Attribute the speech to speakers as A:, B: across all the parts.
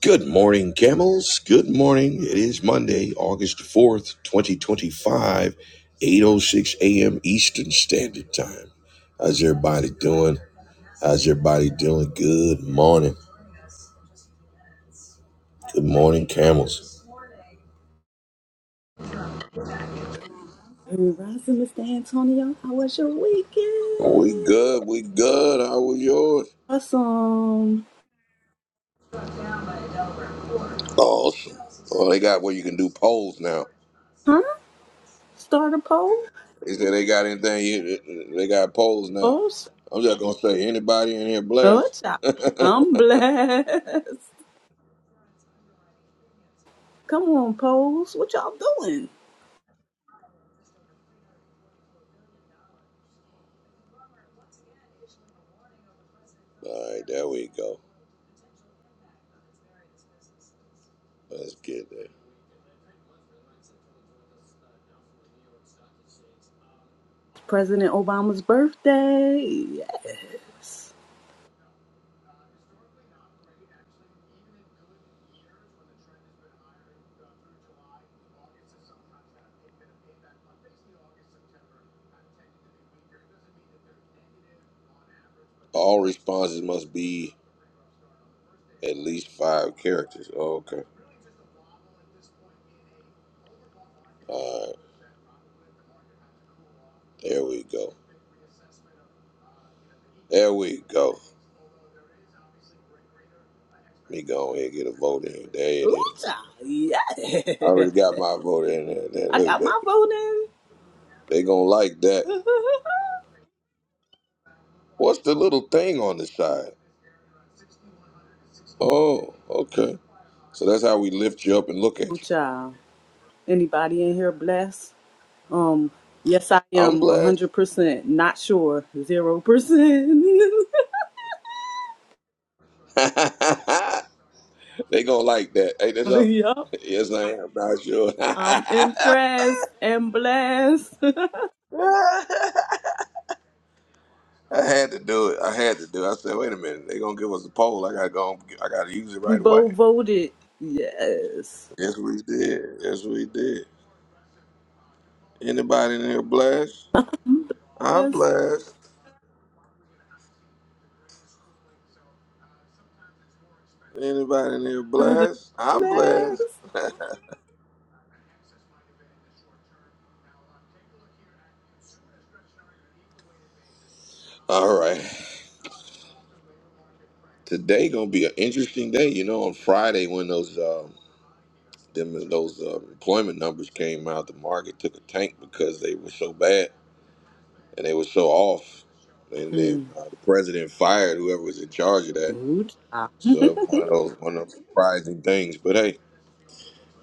A: Good morning, camels. Good morning. It is Monday, August 4th, eight oh six a.m. Eastern Standard Time. How's everybody doing? How's everybody doing? Good morning. Good morning, camels.
B: Good rising, Mr. Antonio. How was your
A: We
B: weekend?
A: good. We good. How was yours?
B: Awesome.
A: Awesome. Oh, they got where you can do polls now.
B: Huh? Start a poll?
A: They said they got anything. You, they got polls now.
B: Oh, sh-
A: I'm just going to say, anybody in here
B: oh,
A: blessed?
B: child.
A: All right,
B: I'm blessed. Come on, polls. What y'all doing?
A: there we go. Let's get there.
B: President Obama's birthday. Yes.
A: All responses must be at least five characters. okay. All right. There we go. There we go. Let me go ahead and get a vote in. There it
B: Ooh,
A: is.
B: child. Yeah.
A: I already got my vote in there. there
B: I
A: look,
B: got
A: they,
B: my vote
A: they gonna like that.
B: in.
A: What's the little thing on the side? Oh, okay. So that's how we lift you up and look
B: Ooh,
A: at you.
B: child. Anybody in here blessed? Um, yes, I
A: I'm
B: am
A: blessed.
B: 100% not sure. 0%.
A: they gonna like that. Hey, that's all.
B: yup.
A: Yes, I am. Not sure.
B: I'm impressed and blessed.
A: I had to do it. I had to do it. I said, wait a minute, they gonna give us a poll. I gotta go. I gotta use it
B: we
A: right away.
B: both voted. Yes.
A: Yes, we did. Yes, we did. Anybody in here blessed? I'm
B: Yes.
A: blessed. Anybody in here
B: blessed.
A: blessed? I'm blessed. All right. Today gonna be an interesting day. You know, on Friday when those um, them those uh, employment numbers came out, the market took a tank because they were so bad and they were so off. And then
B: Mm.
A: uh, the president fired whoever was in charge of that
B: Ooh, child.
A: So it's one of those one of those surprising things. But hey,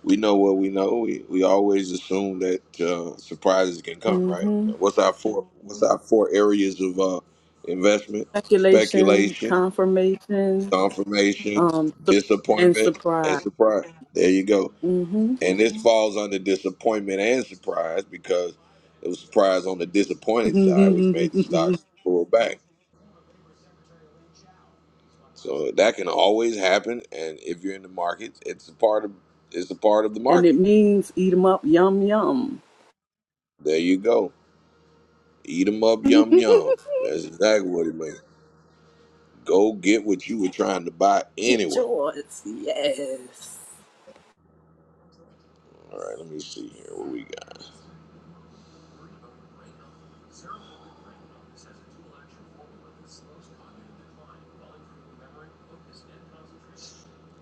A: we know what we know. We, we always assume that uh, surprises can come, right?
B: Mm-hmm.
A: What's our four What's our four areas of uh, investment?
B: Speculation,
A: Speculation,
B: confirmation,
A: confirmation,
B: um, su- and
A: disappointment, and
B: surprise.
A: surprise. There you go.
B: Mm-hmm.
A: And this falls under disappointment and surprise because it was surprise on the disappointed side, which made the
B: and
A: stocks pull back. So that can always happen. And if you're in the market, it's a part of it's a part of the market.
B: it means eat 'em up, yum, yum.
A: There you go. Eat 'em up, yum yum. That's exactly what it means. Go get what you were trying to buy
B: Get
A: anyway.
B: yours. Yes.
A: All right, let me see here. What we got?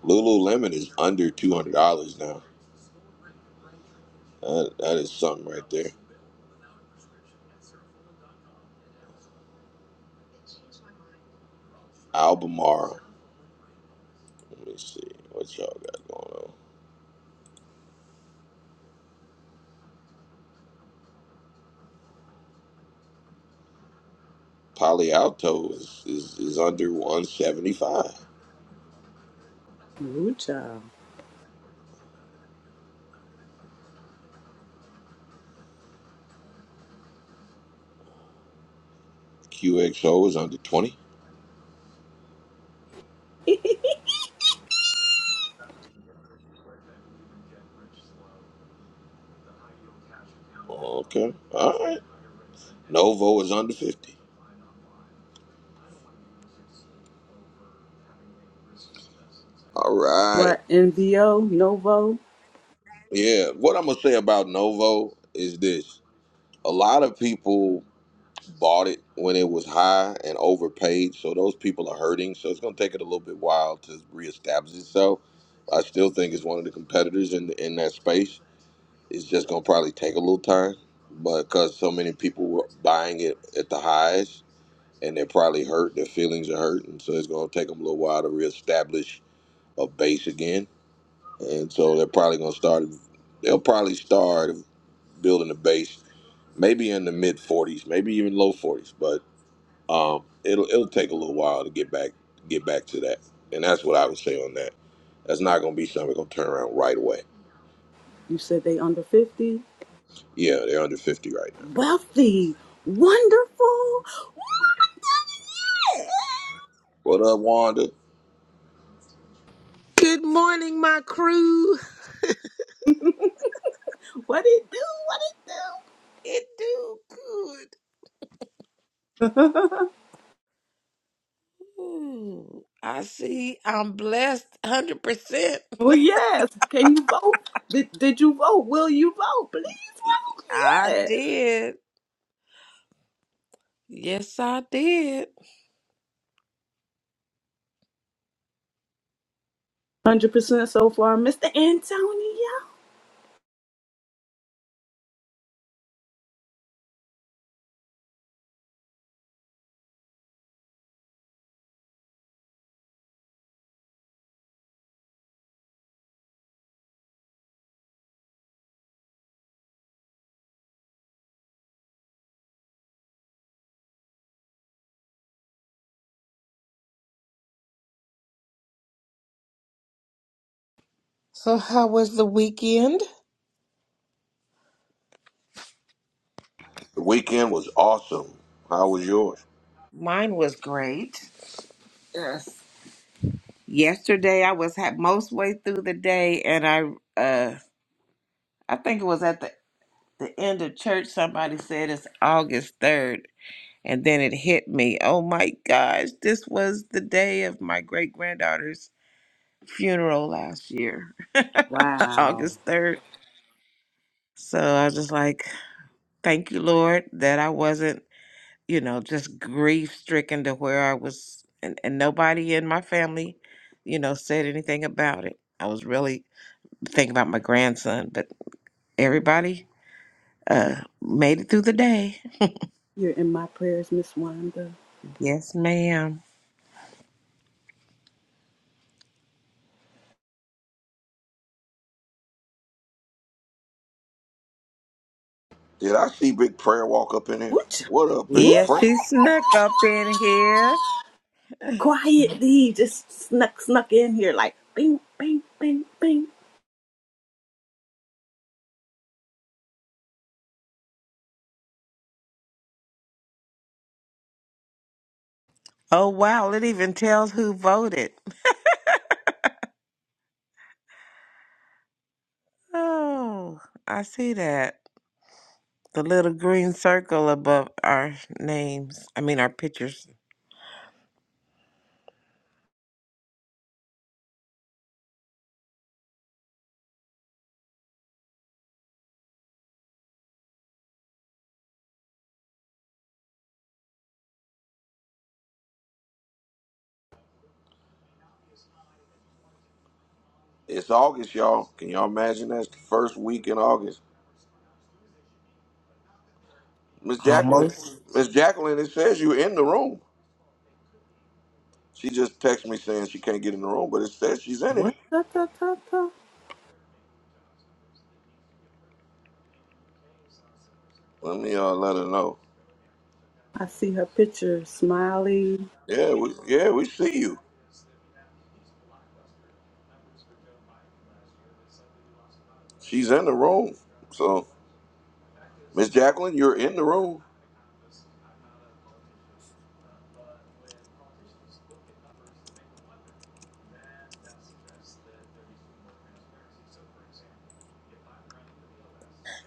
A: Lululemon is under two hundred dollars now. That, that is something right there. Albemarle. Let me see what y'all got going on. Palo Alto is, is, is under one seventy five.
B: Ooh, child.
A: QXO is under twenty. Okay. All right. Novo is under fifty. All right.
B: What, NVO, Novo?
A: Yeah. What I'm gonna say about Novo is this. a lot of people bought it when it was high and overpaid, so those people are hurting. So it's going to take it a little bit while to reestablish itself. I still think it's one of the competitors in in that space. It's just going to probably take a little time, but because so many people were buying it at the highs and they're probably hurt, their feelings are hurt, and so it's going to take them a little while to reestablish a base again. And so they're probably going to start. They'll probably start building a base maybe in the mid 40s, maybe even low 40s, but um, it'll it'll take a little while to get back get back to that. And that's what I would say on that. That's not going to be something that's going to turn around right away.
B: You said they under 50?
A: Yeah, they're under 50 right now.
B: Wealthy, wonderful.
A: What up, Wanda?
C: Good morning, my crew.
B: What it do? What it do?
C: It do good. Ooh, I see. I'm blessed 100%.
B: Well, yes. Can you vote? Did, did you vote? Will you vote? Please vote.
C: I
B: Yes.
C: did. Yes, I did.
B: 100% so far, Mr. Antonio.
C: So, how was the weekend?
A: The weekend was awesome. How was yours?
C: Mine was great. Yes. Yesterday I was ha- most way through the day and I uh I think it was at the, the end of church somebody said it's August 3rd and then it hit me. Oh my gosh, this was the day of my great granddaughter's funeral last year,
B: Wow.
C: August 3rd. So I was just like, thank you, Lord, that I wasn't, you know, just grief stricken to where I was, and, and nobody in my family, you know, said anything about it. I was really thinking about my grandson, but everybody uh, made it through the day.
B: You're in my prayers, Miss Wanda.
C: Yes, ma'am.
A: Did I see Big Prayer walk up in here?
B: Woocha.
A: What up, Big
B: Ooh.
C: Yes,
A: Prayer?
C: she snuck up in here.
B: Quietly, just snuck, snuck in here like bing, bing, bing, bing.
C: Oh, wow. It even tells who voted. Oh, I see that. The little green circle above our names, I mean, our pictures.
A: It's August, y'all. Can y'all imagine that's the first week in August? Miss
C: Um,
A: Jacqueline, Miss Jacqueline, it says you're in the room. She just texted me saying she can't get in the room, but it says she's in
B: What?
A: it.
B: Ta, ta, ta, ta.
A: Let me uh, let her know.
B: I see her picture, smiley.
A: Yeah, we yeah we see you. She's in the room. So Miss Jacqueline, you're in the room.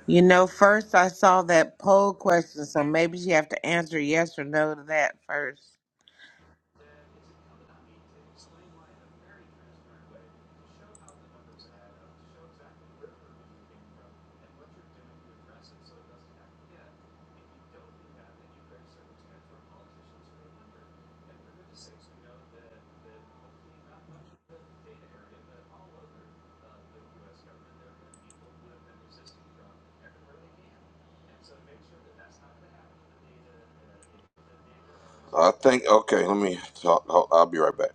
C: You know, first I saw that poll question, so maybe you have to answer yes or no to that first.
A: I think okay. Let me talk. I'll I'll be right back.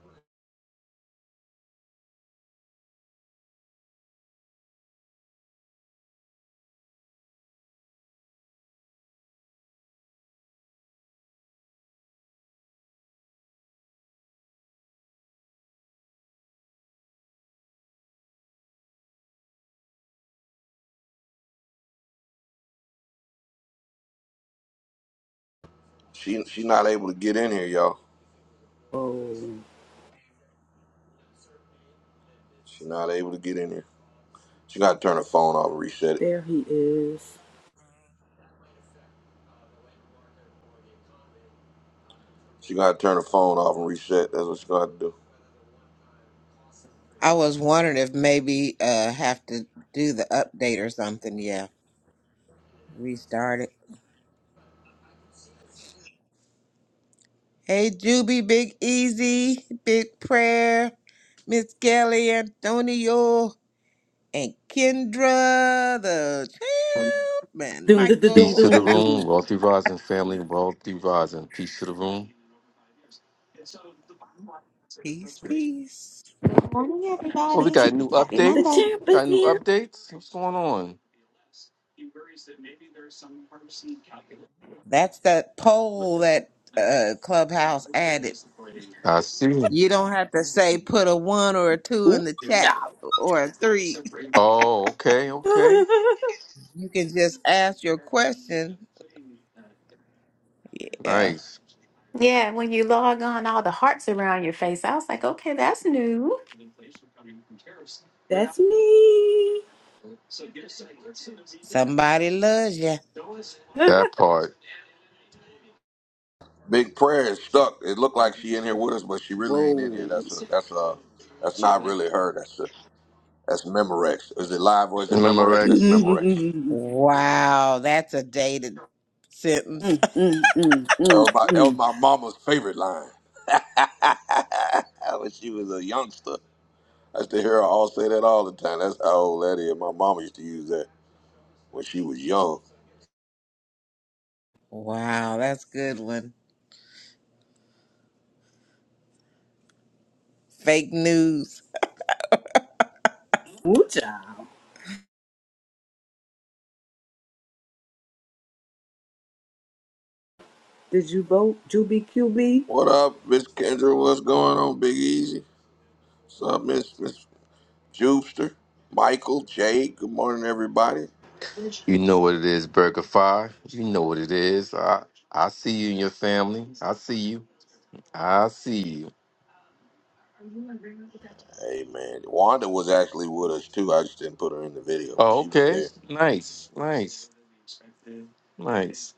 A: She she's not able to get in here, y'all.
B: Oh,
A: She's not able to get in here. She got to turn her phone off and reset it.
B: there he is.
A: She got to turn her phone off and reset. That's what she got to do.
C: I was wondering if maybe uh have to do the update or something. Yeah, restart it. Hey, Juby, Big Easy, Big Prayer, Miss Kelly, Antonio, and Kendra, the champ, and
B: Doom, doom, doom, doom,
D: Peace
C: Michael.
D: to the
B: doom. doom.
D: room, wealthy rising family, wealthy rising. Peace to the room.
C: peace, peace.
E: Morning,
D: Well,
B: The,
D: we
E: everybody.
B: ch-
D: got new
E: Happy
B: the
E: Monday.
D: updates.
B: champ is
D: Got new
B: here.
D: updates. What's going on?
C: That's that poll that uh, Clubhouse added.
D: I see.
C: You don't have to say put a one or a two
B: Ooh,
C: in the chat
B: yeah.
C: or a three.
D: Oh, okay, okay.
C: You can just ask your question. Yeah.
D: Nice.
E: Yeah, when you log on, all the hearts around your face. I was like, okay, that's new.
B: That's me.
C: Somebody loves you.
D: That part.
A: Big prayer is stuck. It looked like she in here with us, but she really ain't in here.
B: Whoa.
A: That's a that's a that's not really her. That's a that's Memorex. Is it live or is it Memorex? That's
B: Mm,
D: Memorex.
A: Memorex.
B: mm,
C: Wow, that's a dated sentence.
B: mm, mm,
A: That
B: mm,
A: was my that was
B: mm.
A: my mama's favorite line. when she was a youngster. I used to hear her all say that all the time. That's how old that is. My mama used to use that when she was young.
C: Wow, that's a good one. Fake news.
B: Ooh, child. Did you vote Juby QB?
A: What up, Miss Kendra? What's going on, Big Easy? What's up, Miss Miss Jupster? Michael, Jake, good morning everybody.
D: You know what it is, Burger Five. You know what it is. I I see you and your family. I see you. I see you.
A: Hey man. Wanda was actually with us too. I just didn't put her in the video, but
D: Oh,
A: she was
D: okay.
A: there.
D: Nice. Nice. Nice.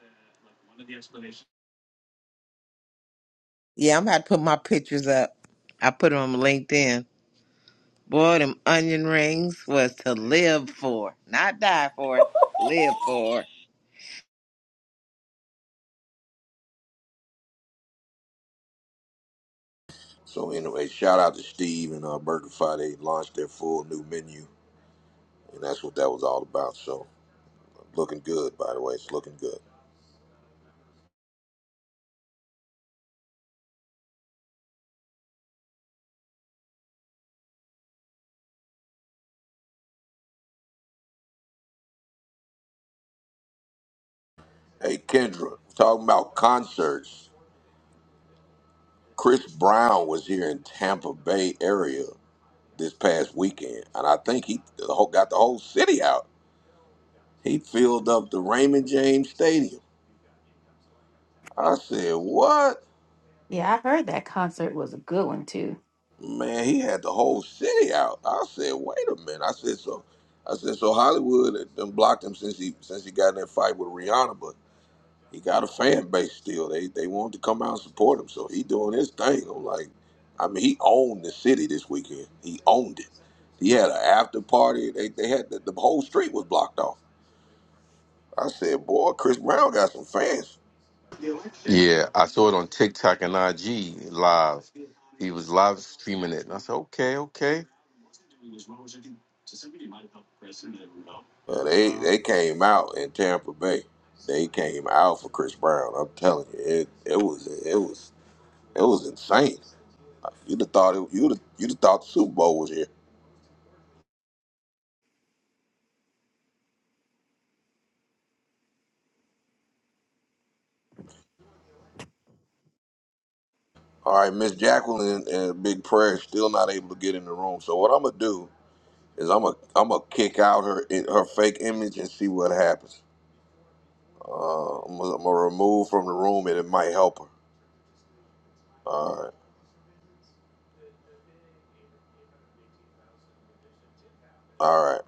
C: Yeah, I'm about to put my pictures up. I put them on LinkedIn. Boy, them onion rings was to live for, not die for, live for.
A: So anyway, shout out to Steve and uh Burger Friday launched their full new menu. And that's what that was all about. So Looking good, by the way. It's looking good. Hey, Kendra, talking about concerts. Chris Brown was here in Tampa Bay area this past weekend, and I think he the whole, got the whole city out. He filled up the Raymond James Stadium. I said, "What,
E: Yeah, I heard that concert was a good one, too.
A: man? He had the whole city out." I said, "Wait a minute." I said, "So, I said so Hollywood had done blocked him since he since he got in that fight with Rihanna, but. he got a fan base still. They they want to come out and support him, so he doing his thing. I'm like, I mean, he owned the city this weekend. He owned it. He had an after party. They they had the, the whole street was blocked off. I said, boy, Chris Brown got some fans.
D: Yeah, I saw it on TikTok and IG live. He was live streaming it, and I said, "Okay, okay."
A: But they they came out in Tampa Bay. They came out for Chris Brown. I'm telling you, it it was it was it was insane. You'd have thought it, you'd have, you'd have thought the Super Bowl was here. All right, Miss Jacqueline and Big Prayer still not able to get in the room. So what I'm gonna do is I'm a I'm gonna kick out her her fake image and see what happens. Uh, I'm gonna, I'm gonna remove from the room and it might help her. All right, all right,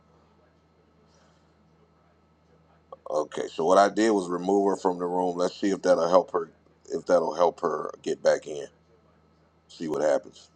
A: okay. So what I did was remove her from the room. Let's see if that'll help her. If that'll help her get back in. See what happens.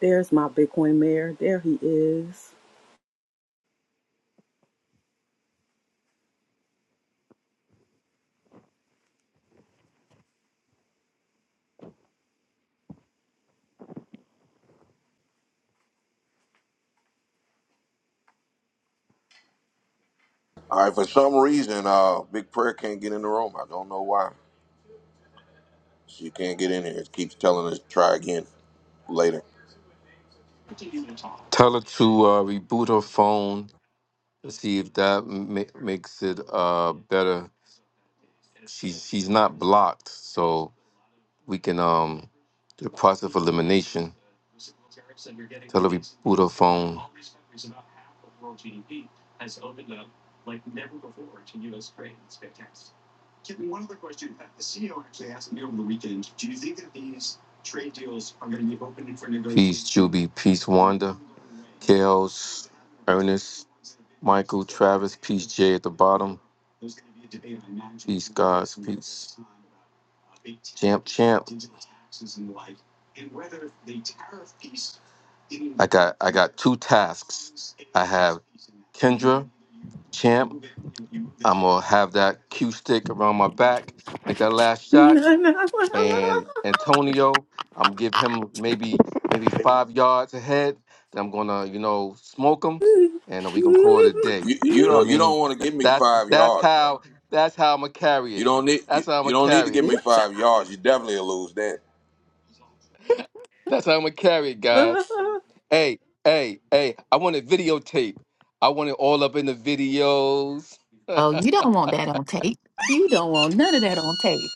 B: There's my Bitcoin mayor. There he is.
A: All right. For some reason, uh, Big Prayer can't get in the room. I don't know why. She can't get in here. It keeps telling us try again later.
D: Tell her to uh, reboot her phone to see if that ma- makes it uh, better. She's she's not blocked, so we can um do the process of elimination. Tell her to reboot her phone. Peace, Peace, Juby. Peace, Wanda. Chaos, Ernest, Michael, Travis. Peace, Jay at the bottom. Peace, guys. Peace. Champ, champ. I got I got two tasks. I have Kendra, champ. I'm gonna have that cue stick around my back. Make that last shot and Antonio. I'm give him maybe maybe five yards ahead. Then I'm gonna you know smoke him, and we gonna call it a day.
A: You you
D: You know what I
A: don't you
D: mean?
A: don't want to
D: That-
A: give me
D: That's
A: five
D: that's
A: yards now.
D: how that's how I'm gonna carry
A: You
D: it.
A: don't need
D: That's
A: you,
D: how I'm
A: you
D: gonna
A: don't need to
D: carry it.
A: give
B: Ooh,
A: me five yards. You definitely will lose then.
D: That's how I'm gonna carry it, guys.
B: child.
D: Hey, hey, hey! I want it videotape. I want it all up in the videos.
E: Oh,
D: I
E: you don't want that on tape. You don't want none of that on tape.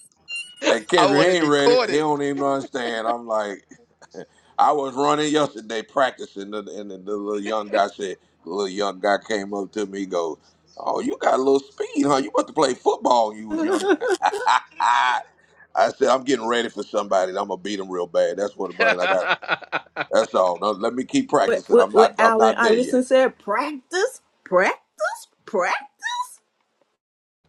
A: And Kendrick
D: want
A: he
D: it
A: ain't ready. He
D: recorded.
A: don't even understand. I'm like, I was running yesterday practicing, and the, and the, the little young guy said, the little young guy came up to me, he goes, "Oh, you got a little speed, huh? You about to play football? when You was young." I said, "I'm getting ready for somebody. and I'm gonna beat him real bad. That's what I'm bringing. I got. That's all. Now, let me keep
B: what
A: practicing.
B: what
A: I'm
B: what
A: not. I'm
B: Allen
A: not there yet.
B: Iverson said? Practice, practice, practice.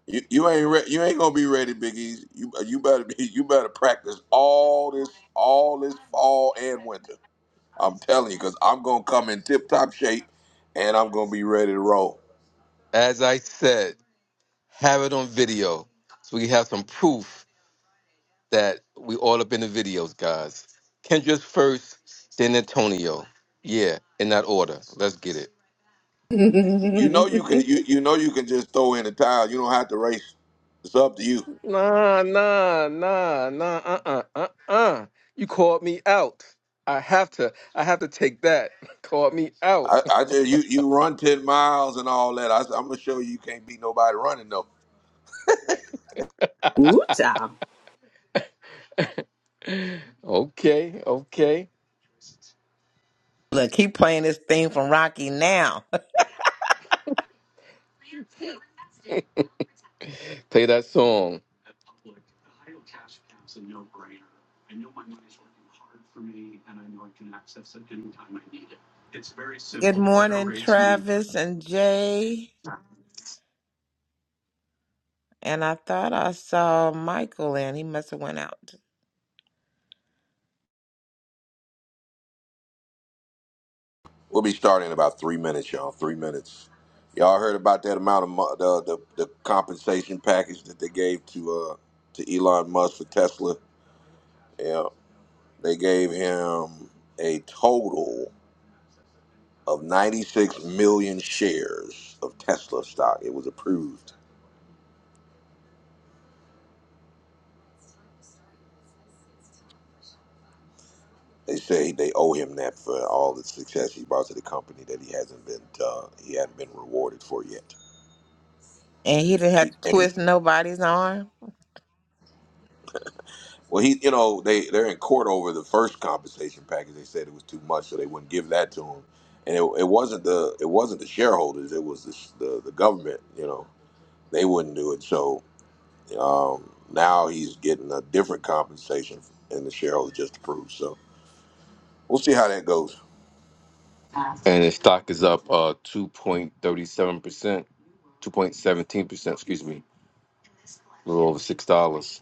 A: You, you ain't. Re- you ain't gonna be ready, Big Easy. You you better be. You better practice all this all this fall and winter." I'm telling you, because I'm gonna come in tip top shape, and I'm gonna be ready to roll.
D: As I said, have it on video so we have some proof that we all up in the videos, guys. Kendra's first, then Antonio. Yeah, in that order. Let's get it.
A: You know you can you you know you can just throw in the towel. You don't have to race. It's up to you.
D: Nah, nah, nah, nah, uh-uh, uh-uh. You called me out. I have to, I have to take that. Called me out.
A: I, I just you you run ten miles and all that. I, I'm gonna show you you can't beat nobody running though.
B: Ooh child,
D: Okay, okay.
C: Look, keep playing this theme from Rocky now.
D: Play that song.
C: Good morning, Travis and Jay. And I thought I saw Michael in. He must have went out.
A: We'll be starting in about three minutes, y'all. Three minutes. Y'all heard about that amount of mo- the, the the compensation package that they gave to uh to Elon Musk for Tesla? Yeah, they gave him a total. of 96 million shares of Tesla stock. It was approved. They say they owe him that for all the success he brought to the company that he hasn't been uh, he hadn't been rewarded for yet.
C: And he didn't have
A: He,
C: to
A: and
C: twist
A: he,
C: nobody's arm.
A: well, he you know they they're in court over the first compensation package. They said it was too much, so they wouldn't give that to him. And it, it wasn't the it wasn't the shareholders. It was the, the the government. You know they wouldn't do it. So um, now he's getting a different compensation, and the shareholders just approved. So. We'll see how that goes.
D: And his stock is up uh 2.37%, 2.17%, excuse me. A little over six dollars.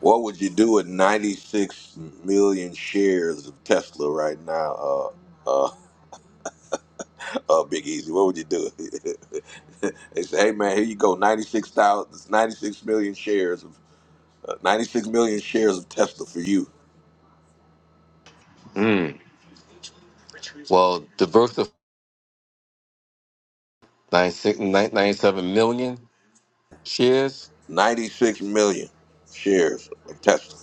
A: What would you do with 96 million shares of Tesla right now, uh, uh, uh, Big Easy? What would you do? they say, hey man, here you go, Ninety six thousand, ninety six million shares of uh, 96 million shares of Tesla for you.
D: Mm. Well, 96 nine- ninety-seven million shares.
A: 96 million shares of Tesla.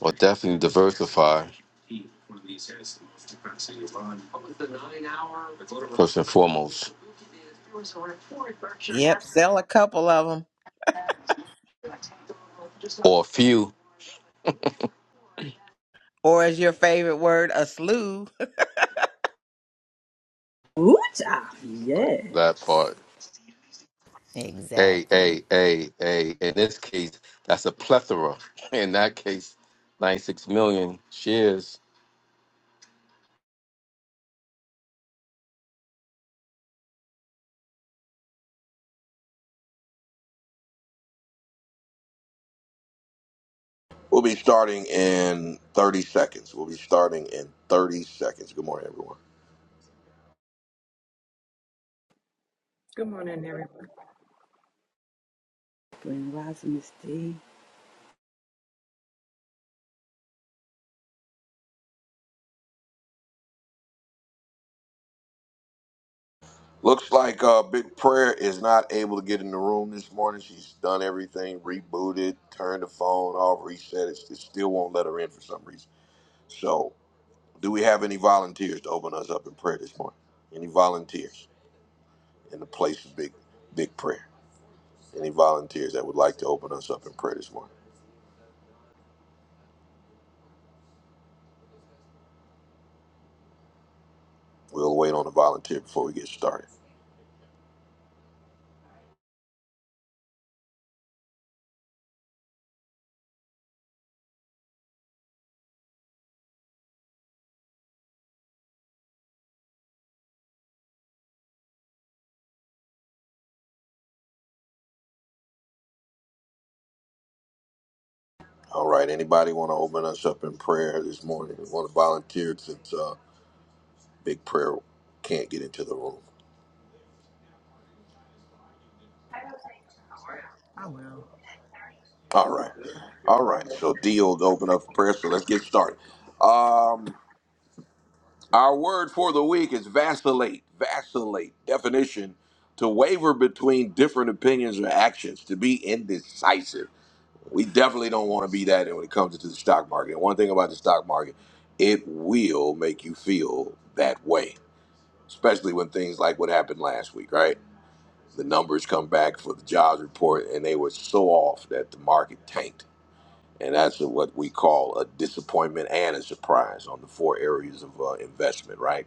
D: Well, definitely diversify first and foremost,
C: Yep, sell a couple of them.
D: or a few.
C: Or is your favorite word, a slew.
B: ooh child,
D: Right,
B: yeah.
D: That part, a
E: Exactly.
D: a a a. In this case, that's a plethora. In that case, ninety six million shares.
A: We'll be starting in 30 seconds. We'll be starting in 30 seconds. Good morning, everyone.
F: Good morning, everyone.
B: Grand Rising Miss D.
A: Looks like uh, Big Prayer is not able to get in the room this morning. She's done everything, rebooted, turned the phone off, reset it. It still won't let her in for some reason. So, do we have any volunteers to open us up in prayer this morning? Any volunteers in the place of Big Big Prayer? Any volunteers that would like to open us up in prayer this morning? We'll wait on a volunteer before we get started. All right. Anybody want to open us up in prayer this morning? Want to volunteer since uh, Big Prayer can't get into the room?
F: I will.
A: All right. All right, so deal to open up prayer. So let's get started. Um, our word for the week is vacillate. Vacillate definition: to waver between different opinions or actions, to be indecisive. We definitely don't want to be that when it comes to the stock market. And one thing about the stock market, it will make you feel that way, especially when things like what happened last week, right? The numbers come back for the jobs report, and they were so off that the market tanked and that's a, what we call a disappointment and a surprise on the four areas of uh, investment. Right?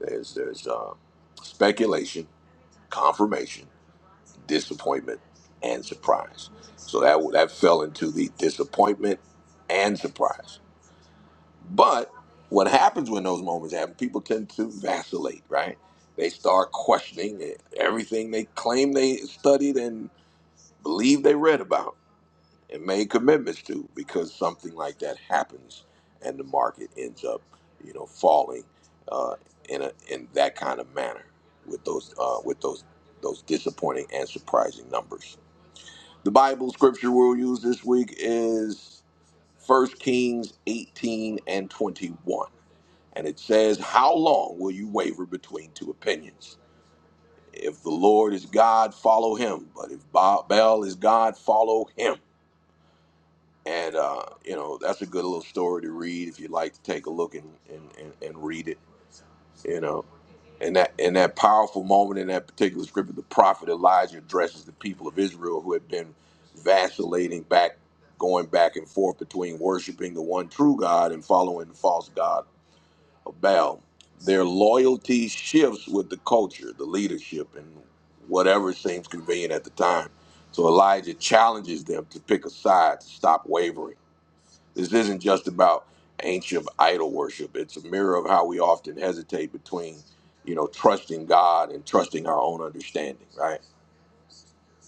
A: There's there's uh, speculation, confirmation, disappointment, and surprise. So that that fell into the disappointment and surprise. But what happens when those moments happen? People tend to vacillate, right? They start questioning everything they claim they studied and believe they read about and made commitments to because something like that happens and the market ends up you know falling uh, in a in that kind of manner with those uh, with those those disappointing and surprising numbers the bible scripture we'll use this week is First kings 18 and 21 and it says how long will you waver between two opinions if the lord is god follow him but if Ba- baal is god follow him And, uh, you know, that's a good little story to read if you'd like to take a look and, and, and, and read it, you know. And that, and that powerful moment in that particular scripture, the prophet Elijah addresses the people of Israel who had been vacillating back, going back and forth between worshiping the one true God and following the false God of Baal. Their loyalty shifts with the culture, the leadership, and whatever seems convenient at the time. So Elijah challenges them to pick a side, to stop wavering this isn't just about ancient idol worship. It's a mirror of how we often hesitate between, you know, trusting God and trusting our own understanding, right?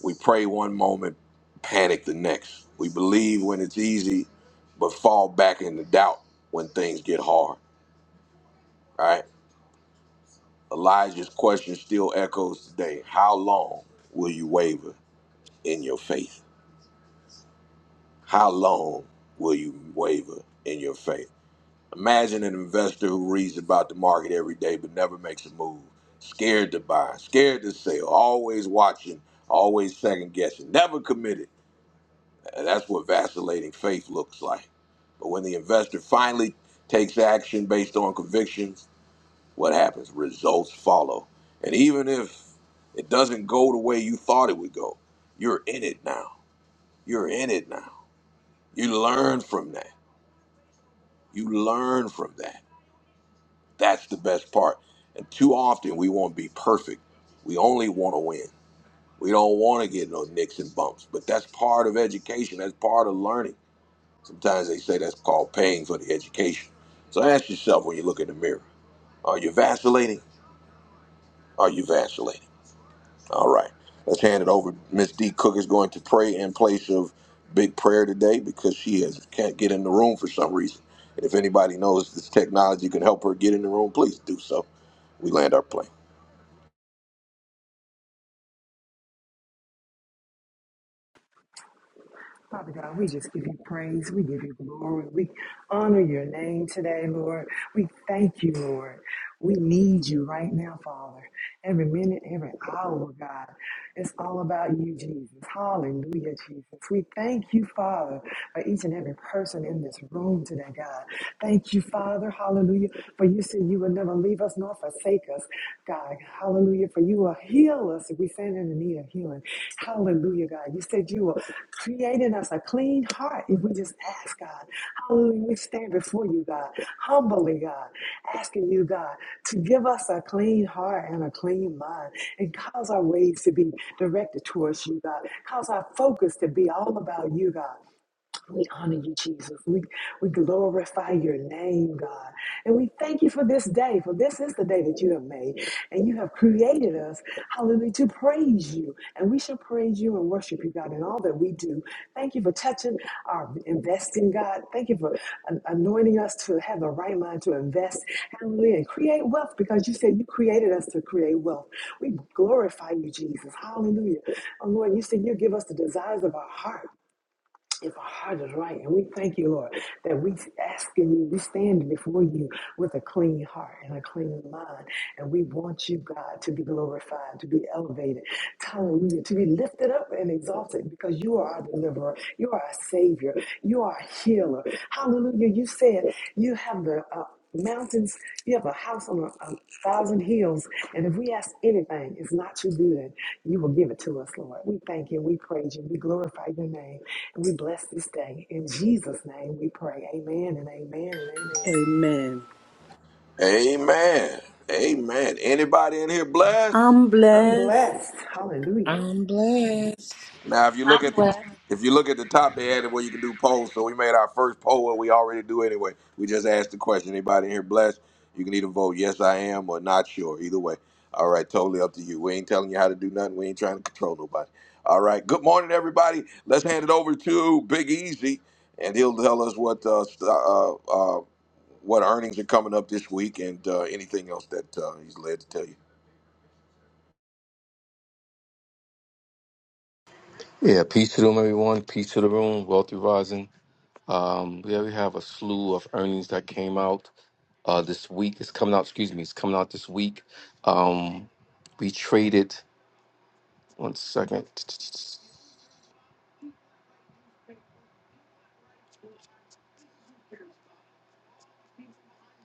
A: We pray one moment, panic the next. We believe when it's easy, but fall back into doubt when things get hard, right? Elijah's question still echoes today. How long will you waver in your faith? How long will you waver in your faith? Imagine an investor who reads about the market every day but never makes a move. Scared to buy, scared to sell, always watching, always second guessing, never committed. And That's what vacillating faith looks like. But when the investor finally takes action based on convictions, what happens? Results follow. And even if it doesn't go the way you thought it would go, you're in it now. You're in it now. You learn from that. You learn from that That's the best part. And too often we want to be perfect. We only want to win. We don't want to get no nicks and bumps. But that's part of education. That's part of learning. Sometimes they say that's called paying for the education. So ask yourself when you look in the mirror, are you vacillating? Are you vacillating? All right. Let's hand it over. Miss D Cook is going to pray in place of big prayer today because she has, can't get in the room for some reason. And if anybody knows this technology can help her get in the room, please do so. We land our plane.
F: Father God, we just give you praise. We give you glory. We honor your name today, Lord. We thank you, Lord. We need you right now, Father. Every minute, every hour, God. It's all about you, Jesus. Hallelujah, Jesus. We thank you, Father, for each and every person in this room today, God. Thank you, Father. Hallelujah. For you said you would never leave us nor forsake us, God. Hallelujah. For you will heal us if we stand in the need of healing. Hallelujah, God. You said you will create in us a clean heart if we just ask, God. Hallelujah. We stand before you, God, humbly, God, asking you, God, to give us a clean heart and a clean mind and cause our ways to be directed towards you, God. Cause our focus to be all about you, God. We honor you, Jesus. We, we glorify your name, God. And we thank you for this day, for this is the day that you have made. And you have created us, hallelujah, to praise you. And we shall praise you and worship you, God, in all that we do. Thank you for touching our investing, God. Thank you for an- anointing us to have the right mind to invest, hallelujah, and create wealth because you said you created us to create wealth. We glorify you, Jesus. Hallelujah. Oh, Lord, you said you give us the desires of our heart. If our heart is right, and we thank you, Lord, that we asking you, we stand before you with a clean heart and a clean mind, and we want you, God, to be glorified, to be elevated, hallelujah, to be lifted up and exalted, because you are our deliverer, you are our savior, you are our healer, hallelujah. You said you have the uh, mountains, you have a house on a, a thousand hills, and if we ask anything, it's not too good, you will give it to us, Lord. We thank you, we praise you, we glorify your name. We bless this day. In Jesus' name we pray. Amen and amen and amen.
B: Amen.
A: Amen. Amen. Anybody in here blessed?
B: I'm
F: I'm
B: blessed.
F: blessed. Hallelujah.
C: I'm blessed.
A: Now, if you look at the
G: conflict
A: if you look at the top, they added where you can do polls. So we made our first poll, what we already do anyway. We just asked the question. Anybody in here blessed? You can either vote yes, I am, or not sure. Either way. All right, totally up to you. We ain't telling you how to do nothing. We ain't trying to control nobody. All right. Good morning, everybody. Let's hand it over to Big Easy, and he'll tell us what uh, st- uh, uh, what earnings are coming up this week and uh, anything else that uh, he's led to tell you.
D: Yeah, peace to them, everyone. Peace to the room. Wealthy rising. Um, yeah, we already have a slew of earnings that came out uh, this week. It's coming out, excuse me, it's coming out this week. Um, we traded, one second.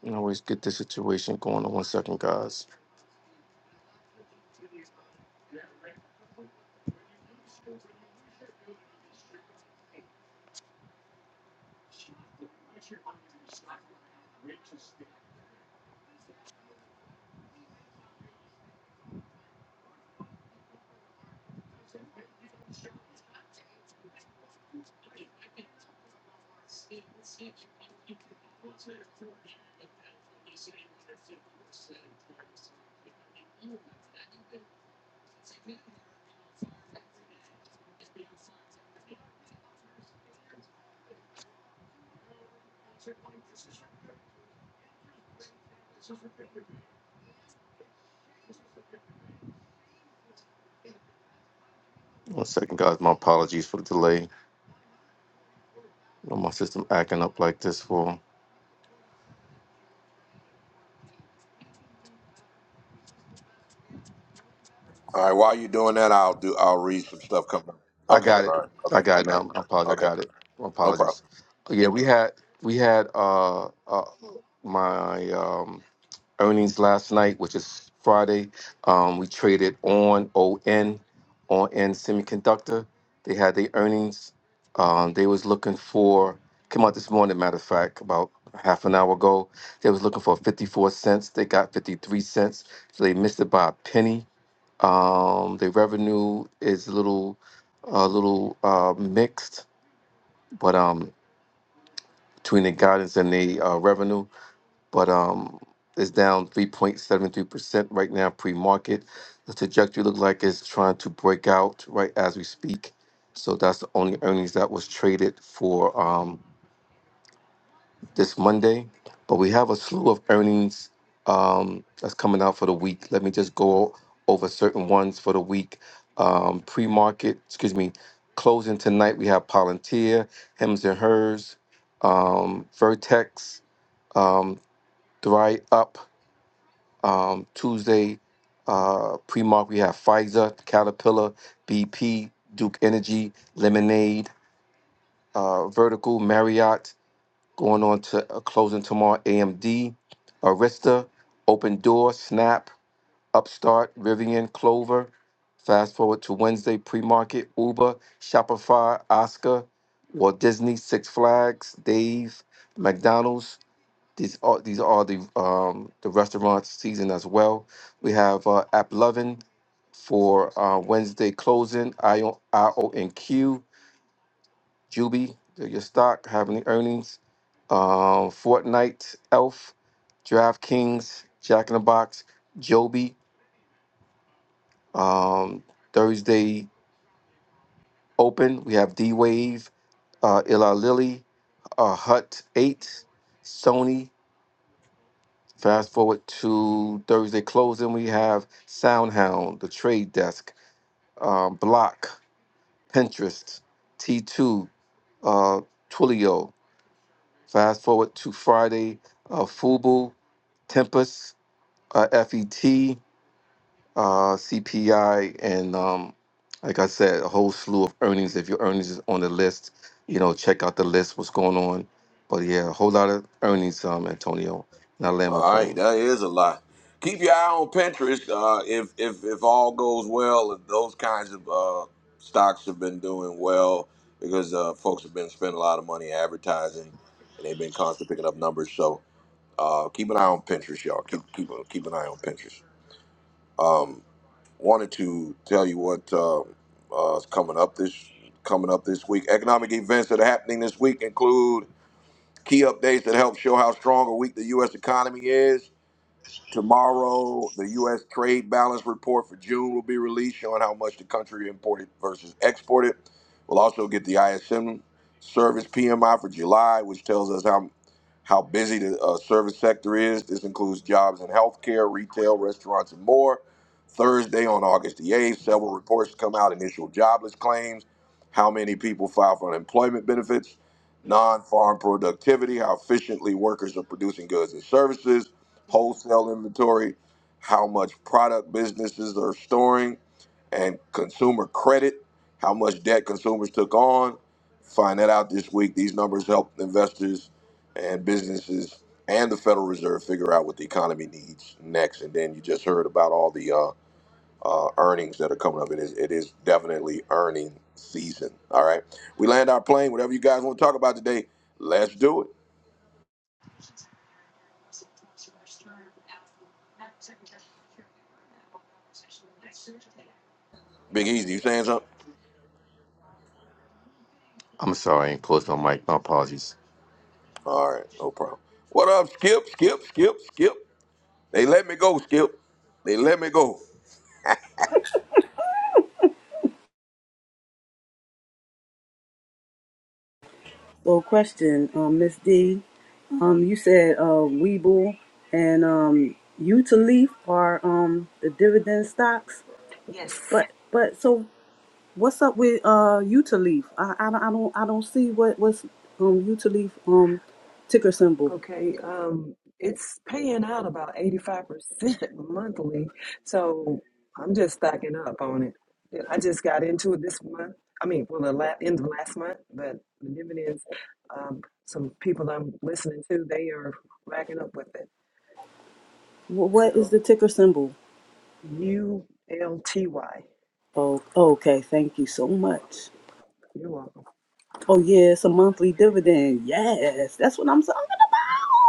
D: I always get this situation going on. One second, guys. One second, guys. My apologies for the delay. Know My system acting up like this for.
A: All right. While you're doing that, I'll do. I'll read some stuff coming. up.
D: I
A: Okay.
D: got
A: All
D: it.
A: right.
D: I
A: Okay.
D: got it
A: All right.
D: now. I apologize. I
A: Okay.
D: got it. My
A: No problem.
D: apologies. Yeah, we had we had uh, uh my um earnings last night, which is Friday. Um, we traded on ON, on N Semiconductor. They had their earnings. Um, they was looking for came out this morning, matter of fact, about half an hour ago. They was looking for 54 cents. They got 53 cents, so they missed it by a penny. Um, their revenue is a little, a little uh, mixed, but um, between the guidance and the uh, revenue but um, it's down 3.73% right now pre-market. The trajectory look like it's trying to break out right as we speak. So that's the only earnings that was traded for um, this Monday. But we have a slew of earnings um, that's coming out for the week. Let me just go over certain ones for the week. Um, pre-market, excuse me, closing tonight. We have Palantir, Hems and Hers, um, Vertex, um, Thrive Up, um, Tuesday, uh, pre mark, we have Pfizer, Caterpillar, BP, Duke Energy, Lemonade, uh, Vertical, Marriott, going on to uh, closing tomorrow, AMD, Arista, Open Door, Snap, Upstart, Rivian, Clover. Fast forward to Wednesday, pre market, Uber, Shopify, Oscar, Walt Disney, Six Flags, Dave, McDonald's, these are these are the um, the restaurant season as well. We have uh, App Lovin for uh, Wednesday closing. IO IONQ, Juby, they're your stock having the earnings. Um, Fortnite, Elf, DraftKings, Jack in the Box, Joby. Um, Thursday open. We have D Wave, uh, Eli Lilly, uh, Hut Eight, Sony. Fast forward to Thursday closing, we have SoundHound, The Trade Desk, um, Block, Pinterest, T2, uh, Twilio. Fast forward to Friday, uh, Fubu, Tempest, uh, FET, uh, CPI, and um, like I said, a whole slew of earnings. If your earnings is on the list, you know, check out the list, what's going on. But yeah, a whole lot of earnings, um, Antonio. And I land my
A: All
D: plane.
A: right. That is a lot. Keep your eye on Pinterest. Uh, if if if all goes well, if those kinds of uh, stocks have been doing well because uh, folks have been spending a lot of money advertising, and they've been constantly picking up numbers. So uh, keep an eye on Pinterest, y'all. Keep keep keep an eye on Pinterest. Um, wanted to tell you what uh, uh, is coming up this coming up this week. Economic events that are happening this week include key updates that help show how strong or weak the U.S. economy is. Tomorrow, the U.S. trade balance report for June will be released, showing how much the country imported versus exported. We'll also get the ISM service PMI for July, which tells us how how busy the uh, service sector is. This includes jobs in healthcare, retail, restaurants, and more. Thursday on August the 8th, several reports come out initial jobless claims, how many people file for unemployment benefits, non farm productivity, how efficiently workers are producing goods and services wholesale inventory, how much product businesses are storing, and consumer credit, how much debt consumers took on. Find that out this week. These numbers help investors and businesses and the Federal Reserve figure out what the economy needs next. And then you just heard about all the uh, uh, earnings that are coming up. It is it is definitely earning season. All right, we land our plane. Whatever you guys want to talk about today, let's do it. Big Easy, you saying something?
D: I'm sorry, I closed my mic. My apologies.
A: All right, no problem. What up, Skip? Skip? Skip? Skip? They let me go, Skip. They let me go.
B: Well, question, um, Miss D. Um, you said uh, Weeble and um, Utaleaf are um the dividend stocks,
F: Yes.
B: but but so What's up with uh Utaleaf? I, I don't I don't I don't see what what's um Utaleaf um ticker symbol.
F: Okay. Um, it's paying out about 85% monthly. So I'm just stacking up on it. Yeah, I just got into it this month. I mean, well, the la- end of last month, but the dividends, um, some people I'm listening to, they are racking up with it.
B: Wh- what is
F: So
B: the ticker symbol?
F: U L T Y.
B: Oh okay, thank you so much.
F: You're welcome.
B: Oh yeah, it's a monthly dividend. Yes, that's what I'm talking about.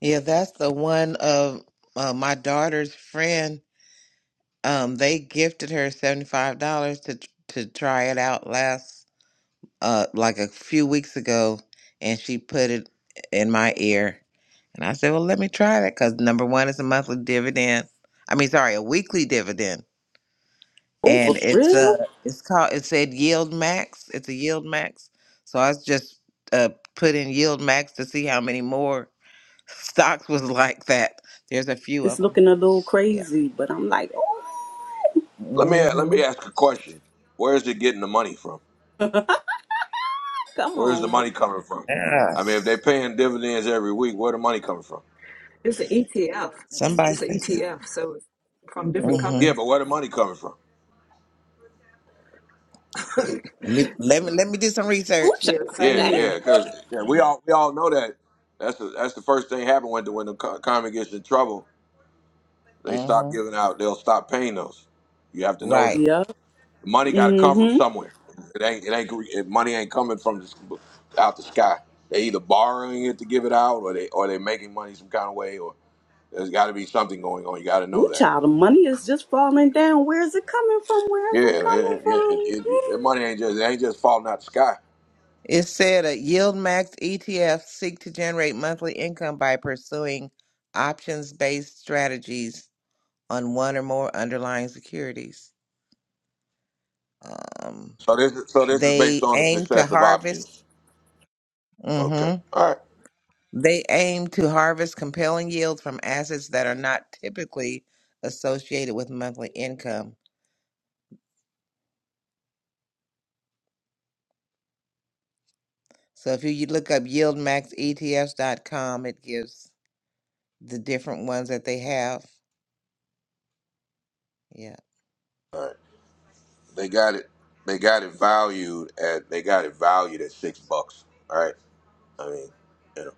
C: Yeah, that's the one of uh, my daughter's friend. Um, they gifted her $75 to to try it out last uh like a few weeks ago and she put it in my ear and I said, "Well, let me try that cuz number 1 is a monthly dividend. I mean, sorry, a weekly dividend.
B: Oh
C: And
B: for
C: it's
B: real?
C: uh it's called it said yield max. It's a yield max. So I just uh put in yield max to see how many more stocks was like that. There's a few of
B: It's
C: them.
B: looking a little
C: Yeah.
B: crazy, but I'm like, oh
A: Let me let me
C: Mhm.
A: ask a question. Where is it getting the money from?
B: come
A: Where is
B: on,
A: the
B: man.
A: money coming from?
C: Yeah.
A: I mean, if they're paying dividends every week, where the money coming from?
F: It's an ETF.
C: Somebody
F: It's an
C: said.
F: ETF. So it's from different
A: Yeah,
C: Mhm.
F: companies.
A: but where the money coming from?
C: Let me let me let me do some
B: Ooh
C: research.
F: Yeah,
B: child,
F: same
A: Yeah,
B: thank
A: yeah,
F: here.
A: because yeah, we all we all know that. That's the that's the first thing happen when the when the co- economy gets in trouble. They stop
C: Mhm.
A: giving out. They'll stop paying those. You have to know that.
C: Right.
B: you. Yeah.
A: The Money got to come from
B: Mm-hmm.
A: somewhere. It ain't. It ain't. It, money ain't coming from the, s- out the sky. They either borrowing it to give it out, or they or they making money some kind of way, or there's got to be something going on. You got to know
B: Ooh
A: that.
B: child, the money is just falling down. Where is it coming from? Where
A: Yeah,
B: is it
A: it,
B: coming
A: it, it, it,
B: from?
A: it- money ain't just it ain't just falling out the sky.
C: It said a yield max ETF seek to generate monthly income by pursuing options based strategies on one or more underlying securities. Um,
A: So this is so this is based
C: they
A: on the
C: aim to
A: success of
C: harvest.
A: options. Okay.
C: hmm
A: All right.
C: They aim to harvest compelling yields from assets that are not typically associated with monthly income. So if you you look up yieldmaxetfs.com, it gives the different ones that they have. Yeah,
A: All right. They got it. They got it valued at. They got it valued at six bucks. All right. I mean, you know,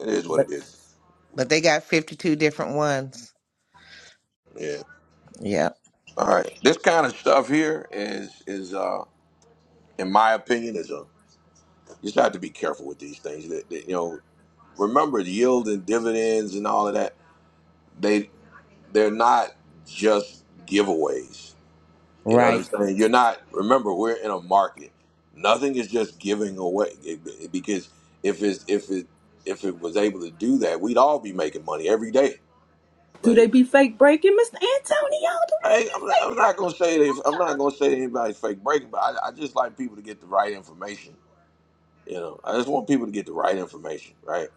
A: it is what
C: but
A: it is.
C: but they got fifty two different ones.
A: Yeah.
C: Yeah.
A: All right. This kind of stuff here is is uh in my opinion is a you just have to be careful with these things. That, that, you know, remember the yield and dividends and all of that. They they're not just giveaways. You know what I'm
C: Right.
A: saying? You're not. Remember, we're in a market. Nothing is just giving away It- it- because if it's if it if it was able to do that, we'd all be making money every day.
B: Do they
A: But
B: be fake breaking, Mr. Antonio? Do
A: I
B: they
A: ain't, I'm,
B: be fake
A: I'm not
B: breaking?
A: gonna say that if, I'm not gonna say that anybody's fake breaking, but I, I just like people to get the right information You know, I just want people to get the right information, right?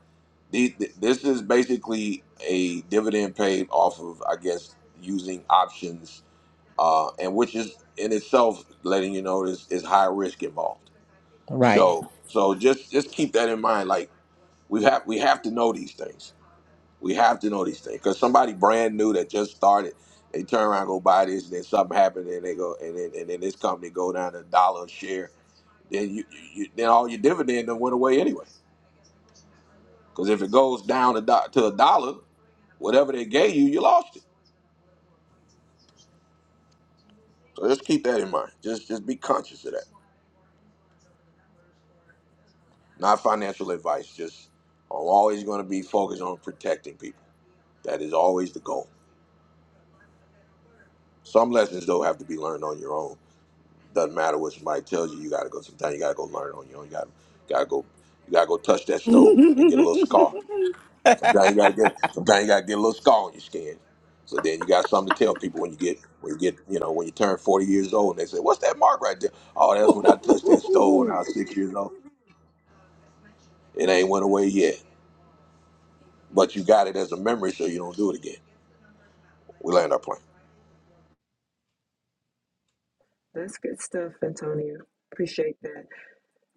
A: These, th- this is basically a dividend paid off of, I guess, using options, uh, and which is in itself letting you know is, is high risk involved.
C: Right.
A: So, so just just keep that in mind. Like we have we have to know these things. We have to know these things because somebody brand new that just started, they turn around and go buy this, and then something happened, and they go, and then and then this company go down a dollar a share. Then you, you you- then all your dividend done went away anyway Because if it goes down a do- to a dollar, whatever they gave you, you lost it. So just keep that in mind. Just just be conscious of that. Not financial advice. Just I'm always going to be focused on protecting people. That is always the goal. Some lessons though have to be learned on your own. Doesn't matter what somebody tells you. You got to go. Sometimes you got to go learn it on your own. You got to got to go. You got to go touch that stove and get a little scar.
C: whoop
A: Sometimes you gotta get sometimes you gotta get a little scar on your skin. So then you got something to tell people when you get when you get you know, when you turn forty years old and they say, What's that mark right there? Oh, that's when I touched that stove when
B: Ooh,
A: I was six years old. It ain't went away yet. But you got it as a memory so you don't do it again. We land our plane.
F: That's good stuff, Antonio. Appreciate that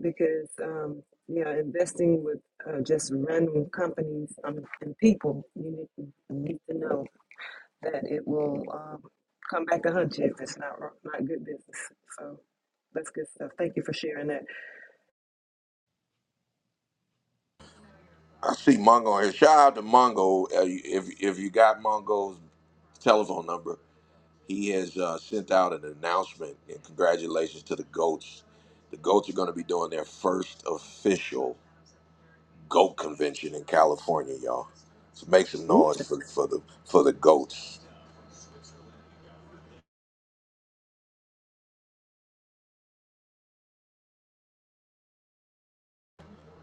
F: because um, yeah, investing with uh, just random companies um, and people, you need, you need to know that it will um, come back to hunt you if it's not ro- not good business. So that's good stuff. Thank you for sharing that.
A: I see Mongo here. Shout out to Mongo. Uh, you- If if you got Mongo's telephone number, he has uh, sent out an announcement and congratulations to the goats. The goats are going to be doing their first official goat convention in California, y'all. So make some noise for, for the for the goats.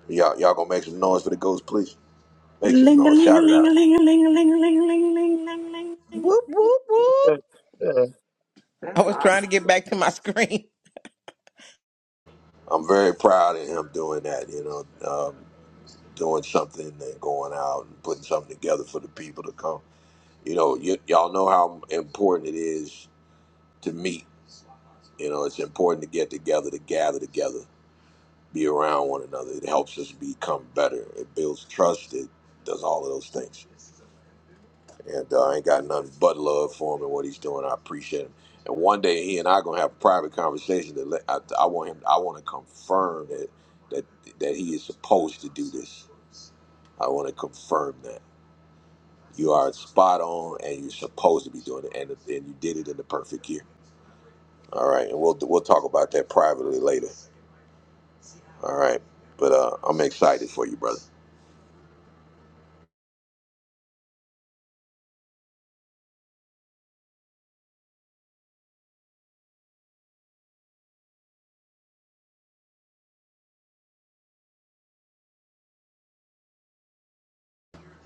A: Y'all y'all gonna make some noise for the goats, please. Make some
B: Ling a
A: noise.
B: ling a
A: Shout it
B: ling a
A: out.
B: ling a ling a ling a ling a ling ling ling ling ling.
C: whoop whoop.
H: Uh, uh,
C: I
F: That's
C: was trying to get
F: awesome,
C: back to my screen.
A: I'm very proud of him doing that. You know, um, doing something and going out and putting something together for the people to come. You know, y- y'all know how important it is to meet. You know, it's important to get together, to gather together, be around one another. It helps us become better. It builds trust. It does all of those things. And uh, I ain't got nothing but love for him and what he's doing. I appreciate him. And one day he and I gonna have a private conversation. That let, I, I want him. I want to confirm that that that he is supposed to do this. I want to confirm that you are spot on and you're supposed to be doing it, and and you did it in the perfect year. All right, and we'll we'll talk about that privately later. All right, but uh, I'm excited for you, brother.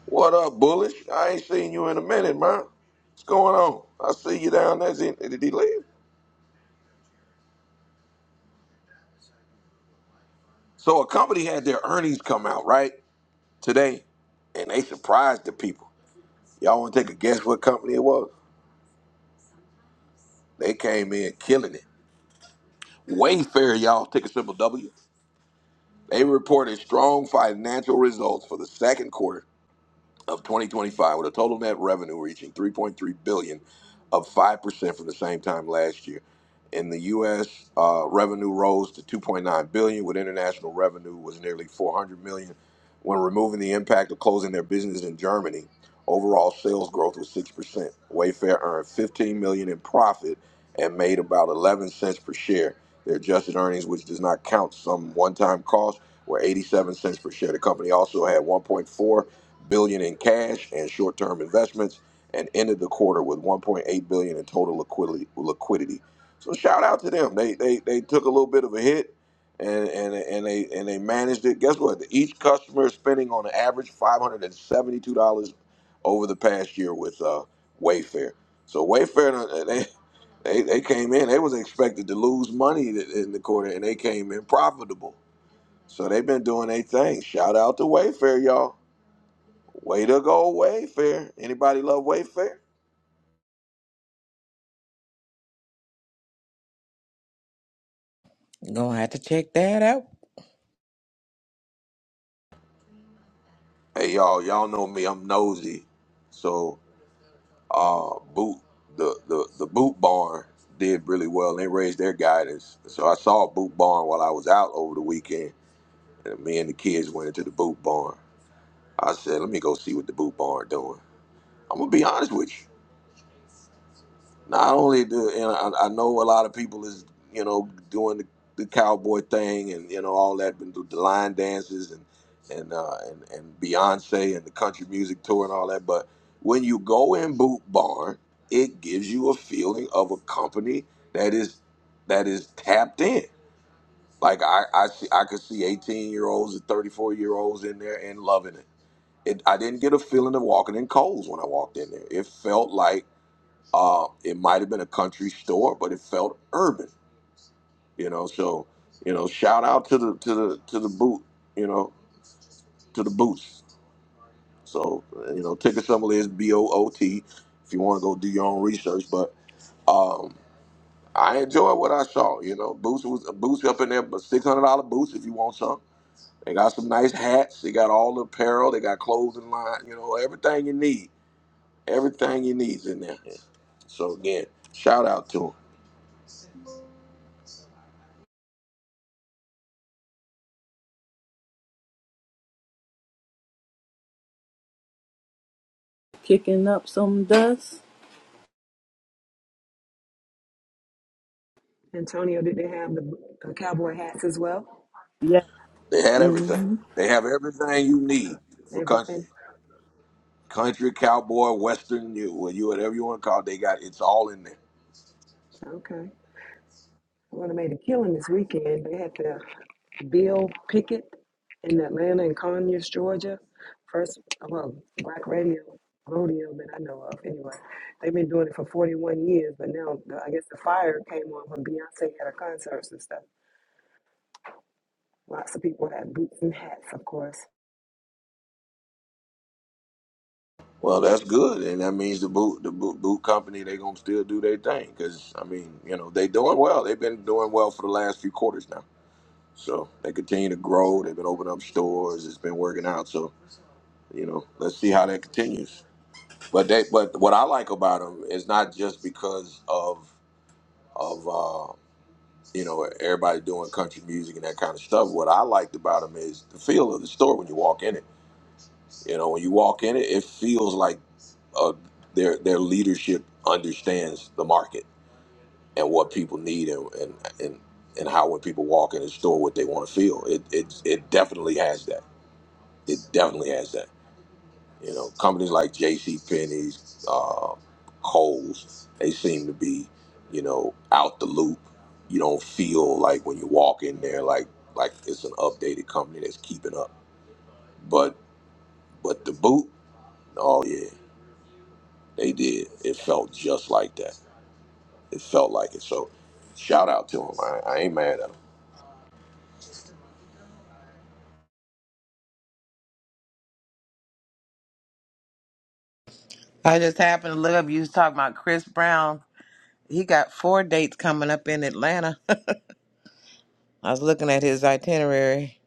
A: What up, Bullish? I ain't seen you in a minute, man. What's going on? I see you down there. Did did he leave? So a company had their earnings come out right today, and they surprised the people. Y'all want to take a guess what company it was? They came in killing it. Wayfair, y'all, ticker symbol W. They reported strong financial results for the second quarter of 2025 with a total net revenue reaching 3.3 billion dollars, up 5% from the same time last year in the us uh, revenue rose to 2.9 billion dollars, with international revenue was nearly 400 million dollars. when removing the impact of closing their business in germany overall sales growth was 6% wayfair earned 15 million dollars in profit and made about 11 cents per share their adjusted earnings which does not count some one-time costs were 87 cents per share the company also had 1.4 billion in cash and short-term investments and ended the quarter with 1.8 billion in total liquidity liquidity so shout out to them they they, they took a little bit of a hit and, and and they and they managed it guess what each customer is spending on an average $572 over the past year with uh, wayfair so wayfair uh, they they, they came in they was expected to lose money in the quarter and they came in profitable so they've been doing their thing shout out to wayfair y'all Way to go, Wayfair. Anybody love Wayfair?
C: Gonna have to check that out.
A: Hey y'all, y'all know me. I'm nosy. So uh boot the the, the boot barn did really well. They raised their guidance. So I saw boot barn while I was out over the weekend. And me and the kids went into the boot barn. I said, let me go see what the boot barn doing. I'm gonna be honest with you. not only do and I, I know a lot of people is you know doing the, the cowboy thing and you know all that and the line dances and and uh, and and Beyonce and the country music tour and all that, but when you go in Boot Barn, it gives you a feeling of a company that is that is tapped in. Like I I see I could see eighteen year olds and thirty four year olds in there and loving it. It I didn't get a feeling of walking in Coles when I walked in there. It felt like uh, it might have been a country store, but it felt urban, you know. So, you know, shout out to the to the to the boot, you know, to the boots. So, uh, you know, ticker symbol is B O O T. If you want to go do your own research, but um, I enjoy what I saw. You know, boots was boots up in there, but six hundred dollar boots if you want some. They got some nice hats. They got all the apparel. They got clothing line. You know, everything you need. Everything you needs in there. So again, shout out to 'em.
B: Kicking up some dust.
F: Antonio. Did they have the uh, cowboy hats as well?
B: Yes.
A: They had everything.
B: Mm-hmm.
A: They have everything you need for country,
F: Everything.
A: country, cowboy, western, you, well, you whatever you want to call it. They got it's all in there.
F: Okay. Well, made a killing this weekend. They had the Bill Pickett in Atlanta and Conyers, Georgia. First, well, black radio rodeo that I know of. Anyway, they've been doing it for 41 years, but now the- I guess the fire came on when Beyonce had her concerts and stuff. Lots of people had boots and hats, of course.
A: Well, that's good, and that means the boot, the boot, boot company, they gonna still do their thing because I mean, you know, they doing well. They've been doing well for the last few quarters now, so they continue to grow. They've been opening up stores. It's been working out. So you know, let's see how that continues. But they, but what I like about them is not just because of of. Uh, you know, everybody doing country music and that kind of stuff. What I liked about them is the feel of the store when you walk in it. You know, when you walk in it, it feels like uh, their their leadership understands the market and what people need and and and, and how when people walk in the store, what they want to feel. It it it definitely has that. It definitely has that. You know, companies like J.C. Penney's, uh, Kohl's, they seem to be, you know, out the loop. You don't feel like when you walk in there, like like it's an updated company that's keeping up. But but the boot, oh yeah, they did. It felt just like that. It felt like it. So shout out to them. I, I ain't mad at them.
C: I just happened to look up. You was talking about Chris Brown. He got four dates coming up in Atlanta. I was looking at his itinerary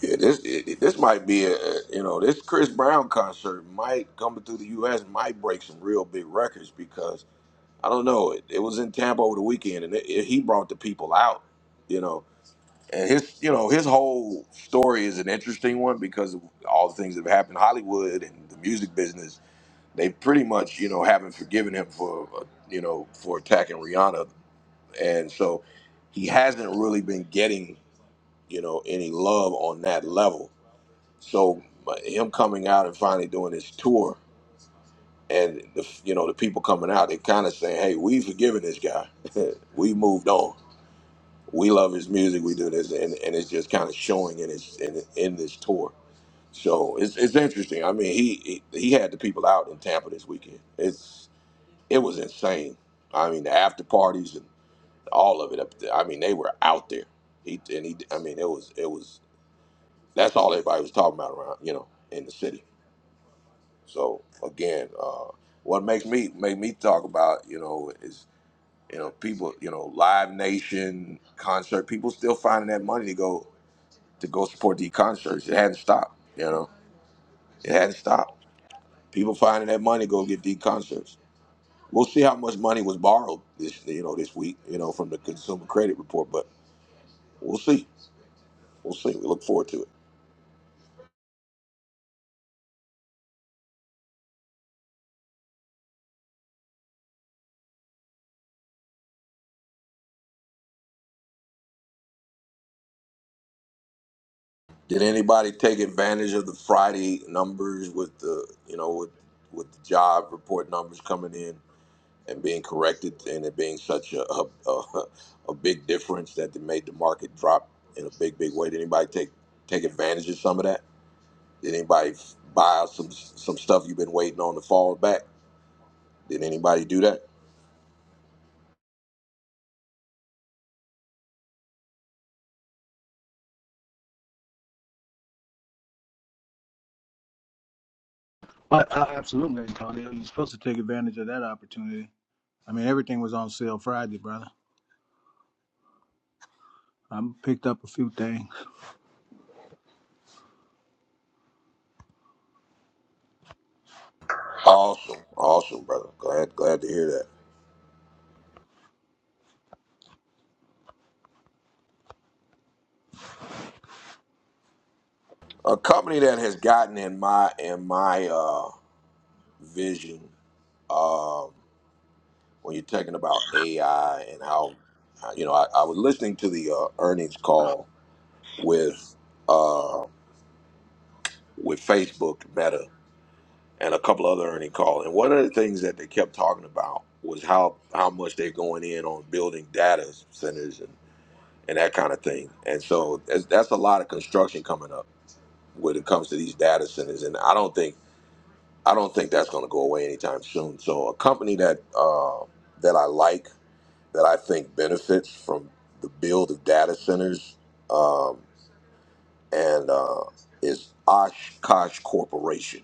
A: Yeah, this it, it- this might be a a- you know this Chris Brown concert might coming through the U.S. might break some real big records because I don't know. It, it was in Tampa over the weekend, and it, it- he brought the people out, you know. And his, you know, his whole story is an interesting one because of all the things that have happened. in Hollywood and the music business, they pretty much, you know, haven't forgiven him for, uh, you know, for attacking Rihanna, and so he hasn't really been getting, you know, any love on that level. So but him coming out and finally doing his tour and the you know the people coming out they kind of saying hey we've forgiven this guy we moved on we love his music we do this and, and it's just kind of showing in his in, in this tour so it's, it's interesting i mean he, he he had the people out in tampa this weekend it's it was insane i mean the after parties and all of it up there i mean they were out there he and he i mean it was it was that's all everybody was talking about around you know in the city so again uh what makes me make me talk about you know is you know people you know live nation concert people still finding that money to go to go support these concerts it hadn't stopped you know it hadn't stopped people finding that money to go get these concerts we'll see how much money was borrowed this you know this week you know from the consumer credit report but we'll see we'll see we look forward to it did anybody take advantage of the friday numbers with the you know with with the job report numbers coming in and being corrected and it being such a, a, a, a big difference that it made the market drop in a big big way did anybody take take advantage of some of that did anybody f- buy some some stuff you've been waiting on to fall back did anybody do that
I: I, I, absolutely, Antonio. You're supposed to take advantage of that opportunity. I mean, everything was on sale Friday, brother. I picked up a few things.
A: awesome awesome brother glad glad to hear that a company that has gotten in my in my uh, vision uh, when you're talking about AI and how you know I, I was listening to the uh, earnings call with Uh, with Facebook, Meta, and a couple other earning calls. And one of the things that they kept talking about was how how much they're going in on building data centers and, and that kind of thing. And so that's, that's a lot of construction coming up when it comes to these data centers. And I don't think I don't think that's going to go away anytime soon. So a company that uh, that I like that I think benefits from the build of data centers um, and uh, is Oshkosh Corporation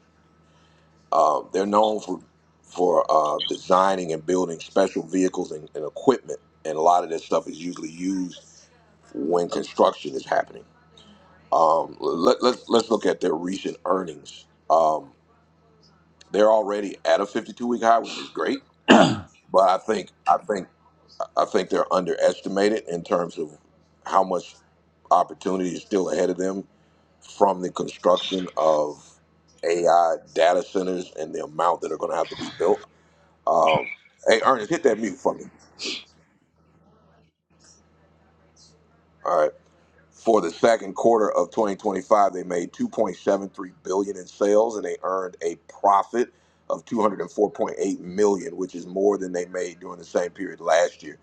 A: Uh, they're known for for uh, designing and building special vehicles and, and equipment, and a lot of this stuff is usually used when construction is happening. Um, let, let's let's look at their recent earnings. Um, they're already at a 52 week high, which is great, but I think I think I think they're underestimated in terms of how much opportunity is still ahead of them from the construction of AI data centers and the amount that are going to have to be built Um, hey, Ernest, hit that mute for me. All right. For the second quarter of 2025, they made 2.73 billion in sales, and they earned a profit of 204.8 million, which is more than they made during the same period last year.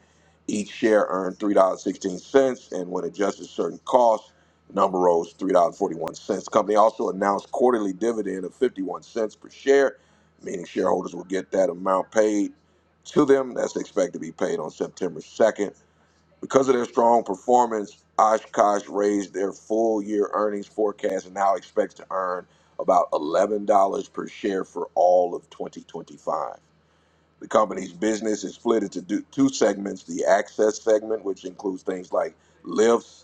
A: Each share earned $3.16, and when adjusted certain costs, the number rose $3.41. The company also announced quarterly dividend of 51 cents per share, meaning shareholders will get that amount paid to them. That's expected to be paid on September 2nd Because of their strong performance, Oshkosh raised their full year earnings forecast and now expects to earn about $11 per share for all of 2025. The company's business is split into do- two segments the access segment, which includes things like lifts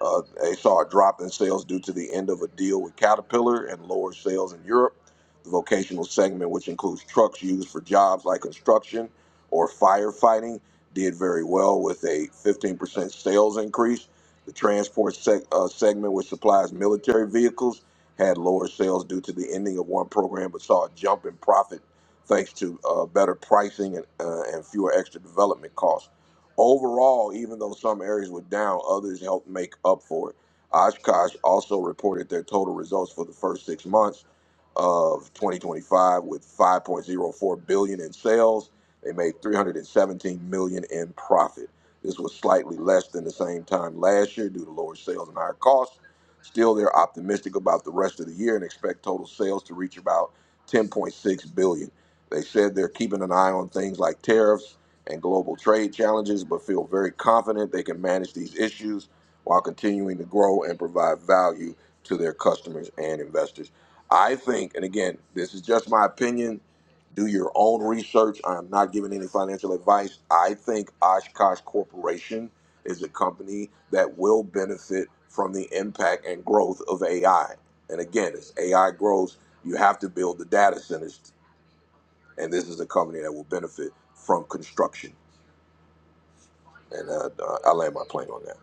A: uh, they saw a drop in sales due to the end of a deal with Caterpillar and lower sales in Europe. The vocational segment, which includes trucks used for jobs like construction or firefighting, did very well with a 15% sales increase. The transport seg- uh, segment, which supplies military vehicles, had lower sales due to the ending of one program, but saw a jump in profit thanks to uh, better pricing and, uh, and fewer extra development costs. Overall, even though some areas were down, others helped make up for it. Oshkosh also reported their total results for the first six months of 2025 with 5.04 billion in sales. They made 317 million in profit. This was slightly less than the same time last year due to lower sales and higher costs. Still, they're optimistic about the rest of the year and expect total sales to reach about 10.6 billion. They said they're keeping an eye on things like tariffs and global trade challenges, but feel very confident they can manage these issues while continuing to grow and provide value to their customers and investors. I think, and again, this is just my opinion. Do your own research. I am not giving any financial advice. I think Oshkosh Corporation is a company that will benefit from the impact and growth of AI. And again, as AI grows, you have to build the data centers, and this is a company that will benefit from construction. And uh, uh, I land my plane on that.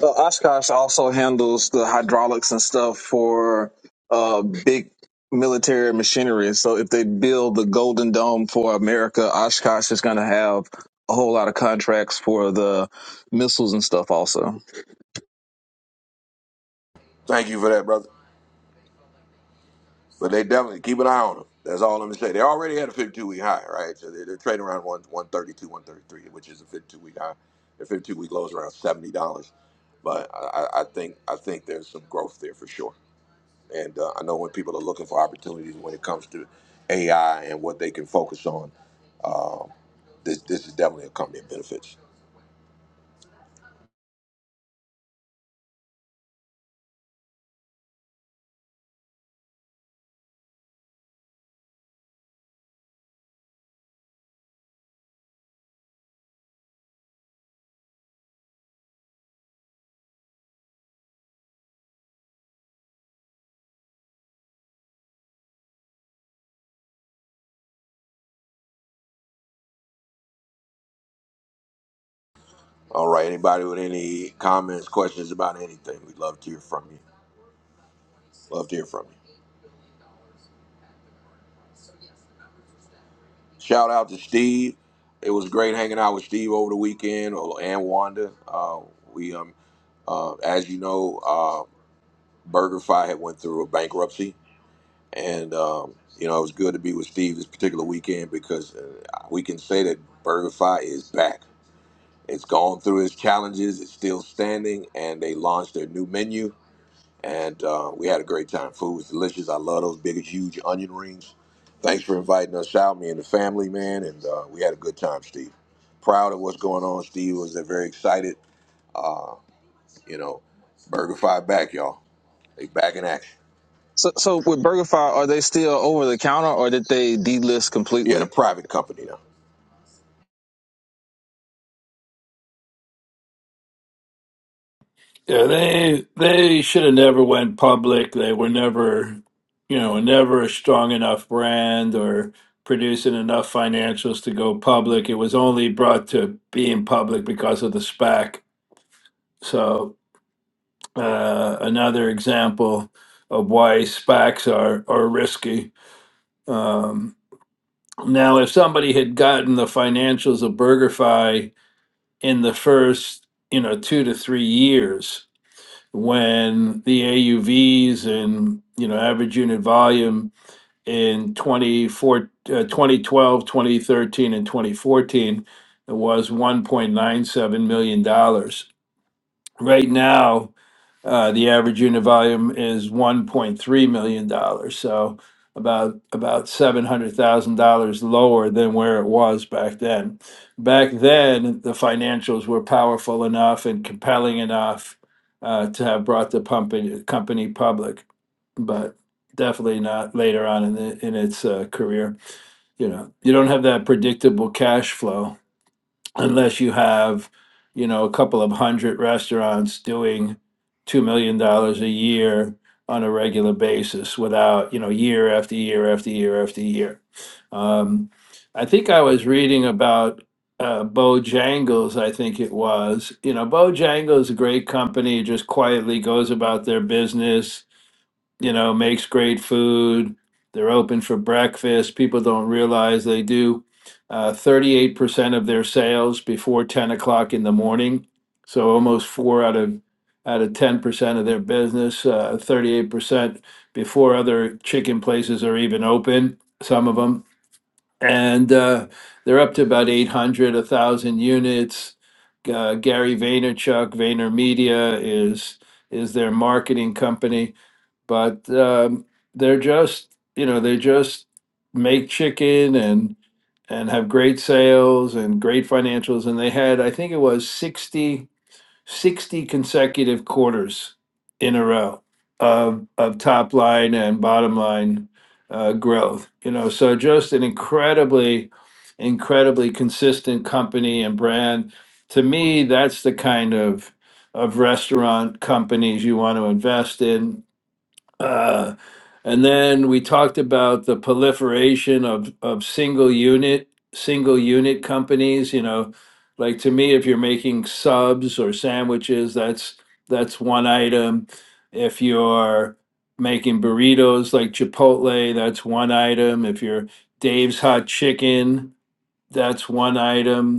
J: Uh, Oshkosh also handles the hydraulics and stuff for uh, big military machinery. So if they build the Golden Dome for America, Oshkosh is going to have a whole lot of contracts for the missiles and stuff also.
A: Thank you for that, brother. But they definitely keep an eye on them. That's all I'm gonna say. They already had a 52 week high, right? So they're, they're trading around one 132, 133, which is a 52 week high. Their 52 week low is around 70 dollars. But I, I I think I think there's some growth there for sure. And uh, I know when people are looking for opportunities when it comes to AI and what they can focus on, um, this this is definitely a company that benefits. All right, anybody with any comments, questions about anything, we'd love to hear from you. Love to hear from you. Shout out to Steve. It was great hanging out with Steve over the weekend or and Wanda. Uh, we, um, uh, as you know, uh, BurgerFi had went through a bankruptcy, and um, you know it was good to be with Steve this particular weekend because uh, we can say that BurgerFi is back. It's gone through its challenges. It's still standing, and they launched their new menu and uh, we had a great time. Food was delicious. I love those big, huge onion rings. Thanks for inviting us out, me and the family, man. And uh, we had a good time, Steve. Proud of what's going on, Steve. Was uh, very excited. You know, BurgerFi back, y'all. They back in action.
J: So, so with BurgerFi, are they still over the counter or did they delist
A: Yeah, the
J: completely?
A: private company now.
K: Yeah, they they should have never went public. They were never, you know, never a strong enough brand or producing enough financials to go public. It was only brought to being public because of the SPAC. So uh, another example of why SPACs are are risky. Um, now, if somebody had gotten the financials of BurgerFi in the first, you know, two to three years when the AUVs and you know average unit volume in 24, uh, and 2014 was 1.97 million dollars. Right now, uh, the average unit volume is one point three million dollars, so about about seven hundred thousand dollars lower than where it was back then. Back then, the financials were powerful enough and compelling enough uh, to have brought the pumping company public, but definitely not later on in the, in its uh, career. You know, you don't have that predictable cash flow unless you have, you know, a couple of hundred restaurants doing $2 million dollars a year on a regular basis without, you know, year after year after year after year. Um, I think I was reading about uh, Bojangles, I think it was. You know, Bojangles, a great company, just quietly goes about their business you know, makes great food. They're open for breakfast. People don't realize they do uh, 38% of their sales before 10 o'clock in the morning. So almost four out of out of 10% of their business, uh, 38% before other chicken places are even open, some of them. And uh, they're up to about 800, a 1,000 units. Uh, Gary Vaynerchuk, VaynerMedia is is their marketing company but um, they're just you know they just make chicken and and have great sales and great financials and they had i think it was 60 60 consecutive quarters in a row of of top line and bottom line uh, growth you know so just an incredibly incredibly consistent company and brand to me that's the kind of of restaurant companies you want to invest in uh, and then we talked about the proliferation of of single unit single unit companies. You know, like to me, if you're making subs or sandwiches, that's that's one item. If you're making burritos like Chipotle, that's one item. If you're Dave's Hot Chicken, that's one item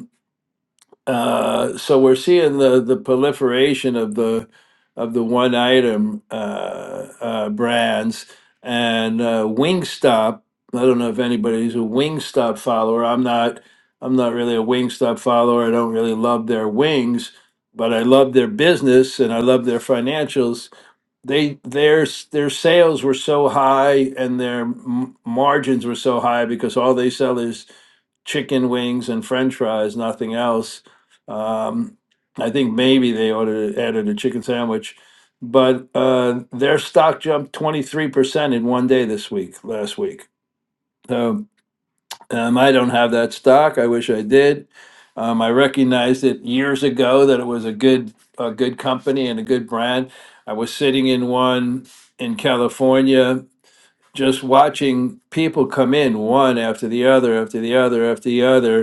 K: uh, so we're seeing the the proliferation of the of the one item uh, uh, brands and uh, Wingstop. I don't know if anybody's a Wingstop follower. I'm not. I'm not really a Wingstop follower. I don't really love their wings, but I love their business and I love their financials they their their sales were so high and their m- margins were so high because all they sell is chicken wings and french fries nothing else um, i think maybe they ought to added a chicken sandwich but uh, their stock jumped 23% in one day this week last week So um, I don't have that stock. I wish I did. Um, I recognized it years ago that it was a good a good company and a good brand. I was sitting in one in California, just watching people come in one after the other, after the other, after the other,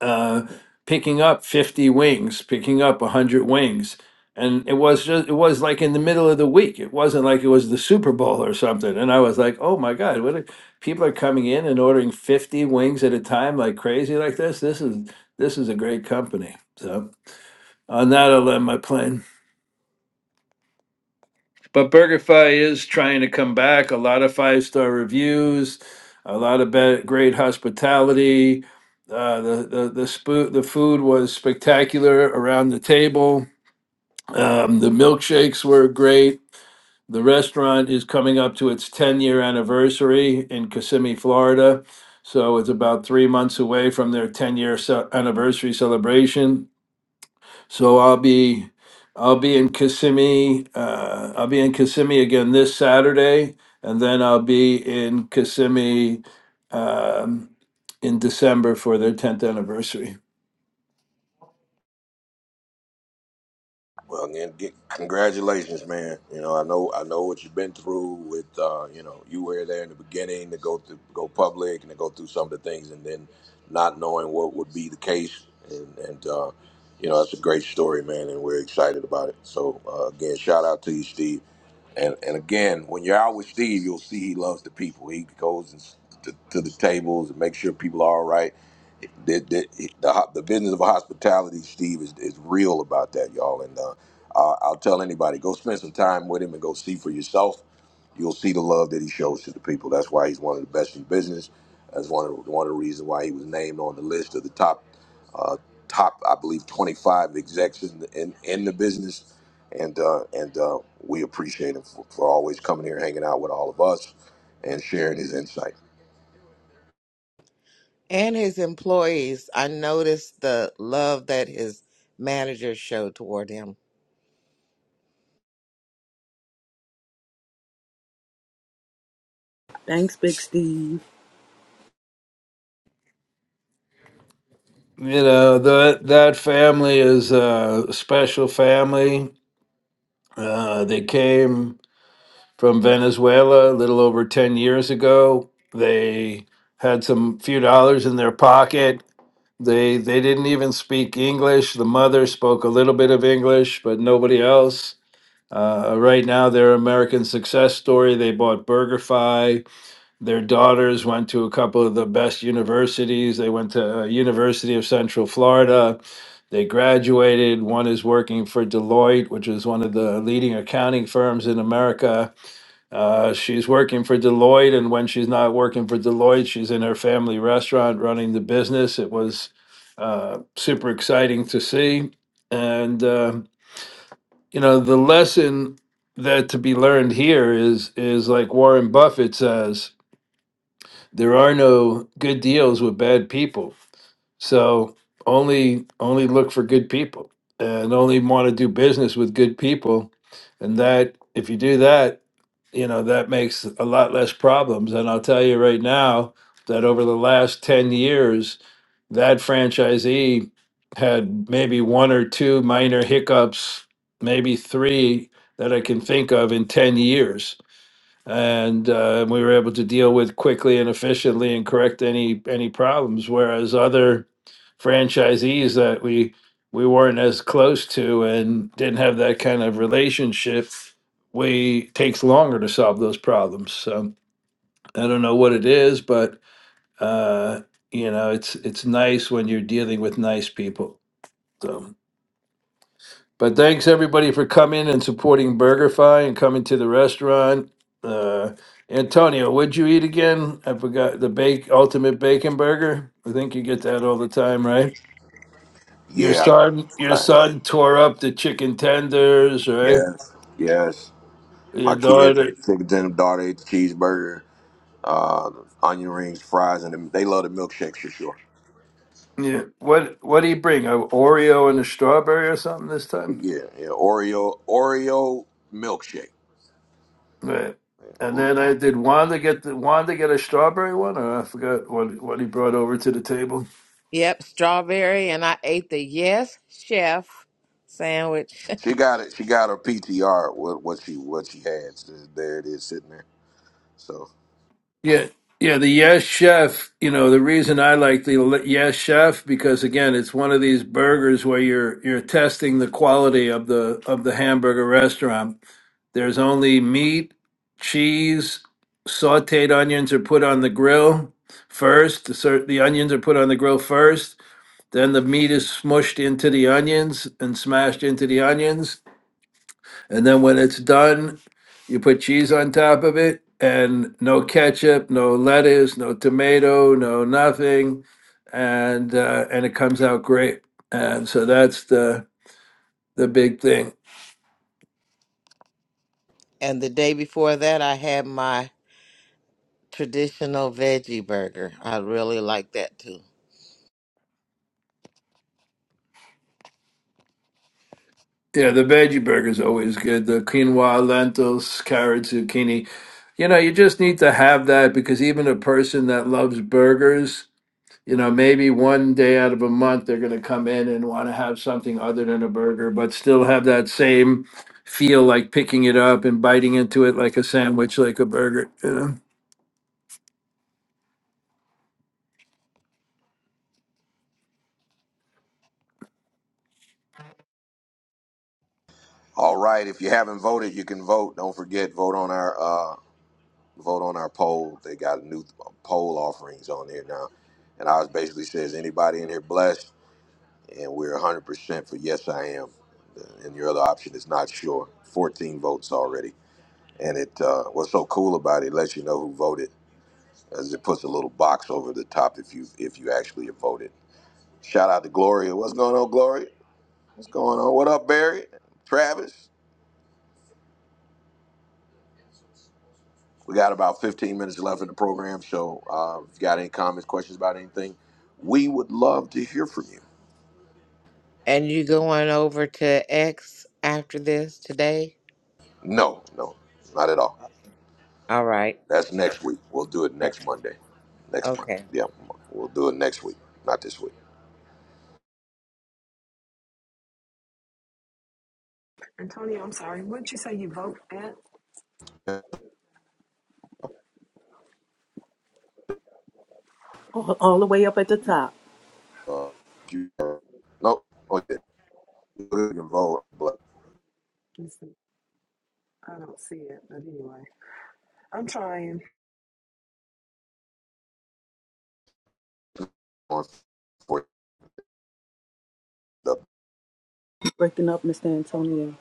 K: uh, picking up 50 wings, picking up 100 wings. And it was just, it was like in the middle of the week. It wasn't like it was the Super Bowl or something. And I was like, oh my God, what are, people are coming in and ordering 50 wings at a time like crazy like this. This is, this is a great company. So on that, I'll land my plane. But BurgerFi is trying to come back. A lot of five star reviews, a lot of be- great hospitality. Uh, the the the, spoo- the food was spectacular around the table. Um, the milkshakes were great. The restaurant is coming up to its 10 year anniversary in Kissimmee, Florida. So it's about three months away from their 10 year anniversary celebration. So I'll be I'll be in Kissimmee. Uh, I'll be in Kissimmee again this Saturday, and then I'll be in Kissimmee um, in December for their 10th anniversary.
A: Well, again, get, congratulations, man. You know, I know, I know what you've been through with, uh, you know, you were there in the beginning to go through, go public and to go through some of the things, and then not knowing what would be the case, and, and uh, you know, that's a great story, man, and we're excited about it. So, uh, again, shout out to you, Steve. And and again, when you're out with Steve, you'll see he loves the people. He goes and, s- to, to the tables and makes sure people are all right the, the, the, the business of hospitality, Steve, is, is real about that, y'all. And uh, I- I'll tell anybody, go spend some time with him and go see for yourself. You'll see the love that he shows to the people. That's why he's one of the best in business. That's one of one of the reasons why he was named on the list of the top, uh, top I believe, 25 execs in the, in, in the business. And uh, and uh, we appreciate him for, for always coming here, hanging out with all of us, and sharing his insight.
C: and his employees. I noticed the love that his managers showed toward him.
B: Thanks, Big Steve.
K: You know that that family is a special family. Uh, they came from Venezuela a little over 10 years ago. They had some few dollars in their pocket They they didn't even speak English. The mother spoke a little bit of English, but nobody else. Uh, right now, they're American success story. They bought BurgerFi. Their daughters went to a couple of the best universities. They went to uh, University of Central Florida. They graduated. One is working for Deloitte, which is one of the leading accounting firms in America uh, she's working for Deloitte, and when she's not working for Deloitte, she's in her family restaurant running the business. It was uh, super exciting to see. And, uh, you know, the lesson that to be learned here is is like Warren Buffett says, there are no good deals with bad people. So only only look for good people and only want to do business with good people. And that if you do that, you know that makes a lot less problems and i'll tell you right now that over the last 10 years that franchisee had maybe one or two minor hiccups maybe three that i can think of in 10 years and uh, we were able to deal with quickly and efficiently and correct any any problems. Whereas other franchisees that we we weren't as close to and didn't have that kind of relationship, we takes longer to solve those problems. So I don't know what it is, but uh, you know, it's it's nice when you're dealing with nice people. So. But thanks everybody for coming and supporting BurgerFi and coming to the restaurant. Uh, Antonio, what'd you eat again? I forgot the bake ultimate bacon burger. I think you get that all the time, right? Your
A: Yeah, I think
K: son,
A: that's what
K: your
A: I-
K: son tore up the chicken tenders, right?
A: yes, yes. My
K: Your
A: kids, they
K: daughter,
A: take them daughter ate the cheeseburger, uh, onion rings, fries, and them- they love the milkshakes for sure.
K: yeah. What what do you bring? A Oreo and a strawberry or something this time,
A: Yeah, yeah. Oreo, Oreo milkshake.
K: right? And
A: Mm.
K: then I did Wanda get the Wanda get a strawberry one, or I forgot what what he brought over to the table.
C: Yep, strawberry, and I ate the yes chef sandwich.
A: She got it. She got her PTR. What what she what she had. So There it is, sitting there. So
K: Yeah, yeah, the Yes Chef, you know, the reason I like the Le- Yes Chef because again, it's one of these burgers where you're you're testing the quality of the of the hamburger restaurant. There's only meat, cheese, sautéed onions are put on the grill first. The cer- the onions are put on the grill first, then the meat is smushed into the onions and smashed into the onions. And then when it's done, you put cheese on top of it and no ketchup, no lettuce, no tomato, no nothing. And uh, and it comes out great. And so that's the the big thing.
C: And the day before that, I had my traditional veggie burger. I really like that too.
K: Yeah, the veggie burger is always good. The quinoa, lentils, carrots, zucchini. You know, you just need to have that because even a person that loves burgers you know, maybe one day out of a month they're going to come in and want to have something other than a burger, but still have that same feel like picking it up and biting into it like a sandwich, like a burger. You know,
A: all right, if you haven't voted, you can vote. Don't forget, vote on our uh, vote on our poll. They got new uh, poll offerings on there now, and ours basically says anybody in here blessed. and we're 100% for yes i am and your other option is not sure 14 votes already and it uh, what's so cool about it, it lets you know who voted as it puts a little box over the top if you if you actually have voted shout out to gloria what's going on gloria what's going on what up barry travis we got about 15 minutes left in the program so uh, if you got any comments questions about anything we would love to hear from you
C: And you going over to X after this today?
A: no no not at all
C: All right.
A: That's next week. We'll do it next
C: Next week.
A: Monday. Next month.
C: Okay.
A: Yeah, we'll do it next week, not this week.
F: Antonio, I'm sorry. Wouldn't you say you vote at?
A: Uh,
B: All, all the way up at the
A: you-
B: top.
A: nope. Oh, yeah. You can vote but
F: Listen, I don't see it, but anyway, I'm trying.
A: on for the-
B: Breaking up Mr. Antonio.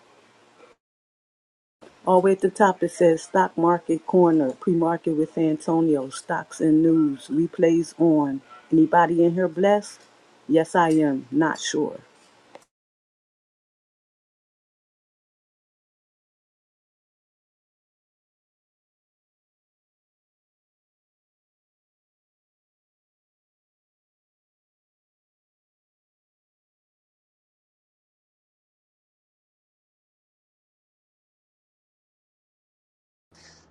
B: All the way at the top it says Stock Market Corner, pre-market with Antonio, stocks and news, replays on. Anybody in here blessed? Yes, I am. Not sure.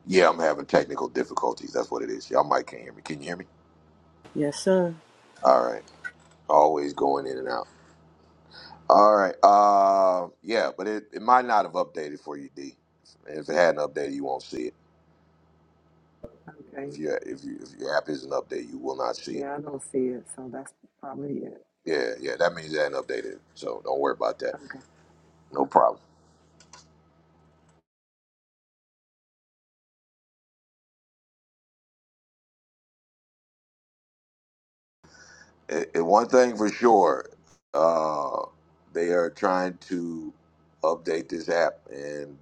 A: Yeah, I'm having technical difficulties. That's what it is. Y'all might can't hear me. Can you hear me?
B: Yes, sir.
A: All right. Always going in and out. All right. Uh, yeah, but it, it might not have updated for you, D. And if it hadn't updated, you won't see it.
F: Okay.
A: If your if you if your app isn't updated, you will not see it.
F: Yeah, I don't see it, so that's probably it.
A: Yeah, yeah. That means it hadn't updated. So don't worry about that.
F: Okay.
A: No problem. And and one thing for sure, uh, they are trying to update this app, and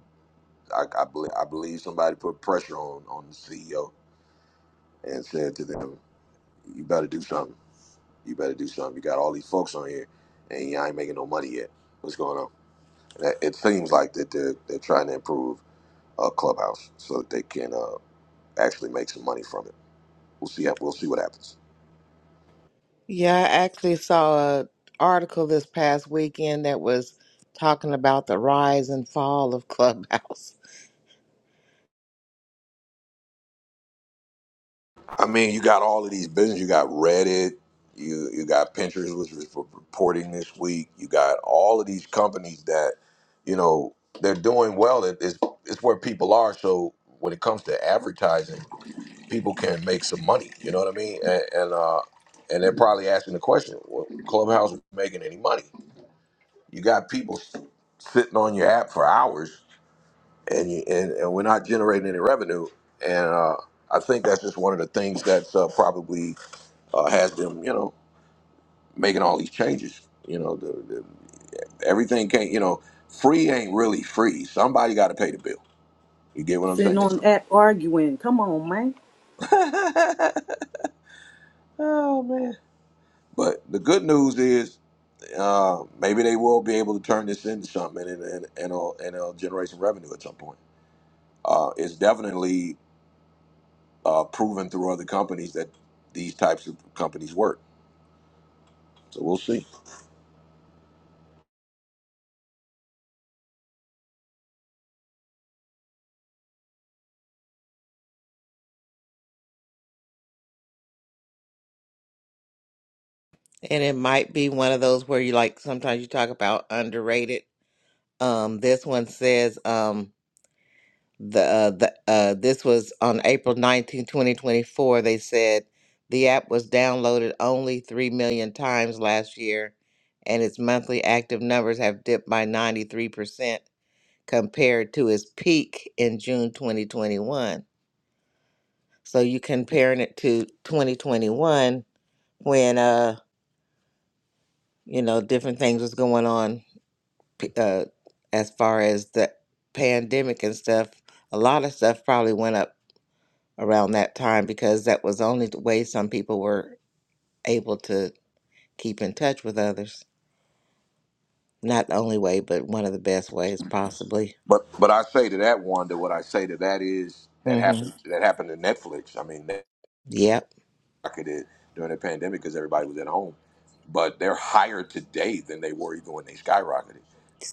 A: I, I believe I believe somebody put pressure on on the CEO and said to them, "You better do something. You better do something. You got all these folks on here, and y'all ain't making no money yet. What's going on?" That- It seems like that they're they're trying to improve uh, Clubhouse so that they can uh, actually make some money from it. We'll see. We'll see what happens.
C: Yeah, I actually saw a article this past weekend that was talking about the rise and fall of Clubhouse.
A: I mean, you got all of these businesses. You got Reddit. You you got Pinterest, which was re- reporting this week. You got all of these companies that, you know, they're doing well. It- It's it's where people are. So when it comes to advertising, people can make some money. You know what I mean? And, and uh, and they're probably asking the question, well, Clubhouse is making any money? You got people s- sitting on your app for hours, and you and, and we're not generating any revenue. And uh, I think that's just one of the things that's uh, probably uh, has them, you know, making all these changes. You know, the, the, everything can't, you know, free ain't really free. Somebody got to pay the bill. You get what I'm
B: Sitting
A: saying?
B: on
A: So- Mhm.
B: app arguing. Come on, man.
A: oh man! But the good news is, uh, maybe they will be able to turn this into something and and and it'll, and it'll generate some revenue at some point. Uh, it's definitely uh, proven through other companies that these types of companies work. So we'll see.
C: And it might be one of those where you like sometimes you talk about underrated. Um this one says um the uh, the uh, this was on April 19, 2024. They said the app was downloaded only 3 million times last year and its monthly active numbers have dipped by 93% compared to its peak in June 2021. So you comparing it to 2021 when uh you know different things was going on p- uh as far as the pandemic and stuff, a lot of stuff probably went up around that time because that was the only way some people were able to keep in touch with others. Not the only way, but one of the best ways, possibly.
A: But but I say to that one that what I say to that is that
C: hmm
A: happened that happened to Netflix. I mean.
C: Yep.
A: skyrocketed during the pandemic because everybody was at home. But they're higher today than they were even when they skyrocketed.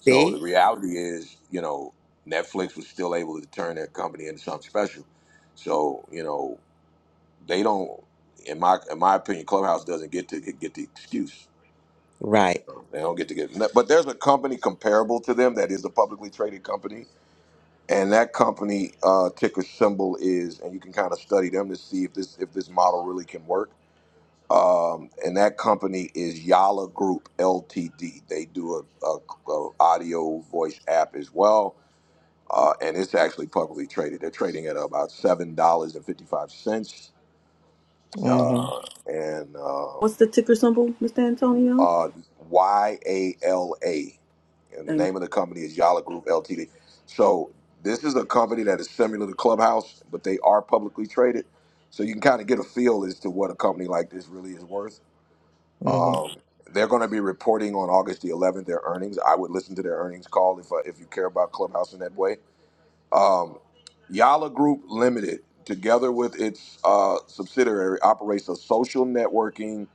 A: So the reality is, you know, Netflix was still able to turn their company into something special. So you know, they don't. In my in my opinion, Clubhouse doesn't get to get the excuse.
C: Right.
A: They don't get to get. no, But there's a company comparable to them that is a publicly traded company, and that company uh, ticker symbol is, and you can kind of study them to see if this if this model really can work um, and that company is Yala Group Ltd. They do a, a, a audio voice app as well, uh, and it's actually publicly traded. They're trading at about seven dollars and fifty five cents,
C: hmm
A: uh, and um,
B: What's the ticker symbol, Mr. Antonio?
A: uh, Y A L A, and the
B: Thank you.
A: name of the company is Yala Group Ltd. So this is a company that is similar to Clubhouse, but they are publicly traded. So you can kind of get a feel as to what a company like this really is worth
C: hmm
A: Um, they're going to be reporting on August the 11th their earnings. I would listen to their earnings call if uh, if you care about Clubhouse in that way. Um, Yala Group Limited, together with its uh, subsidiary, operates a social networking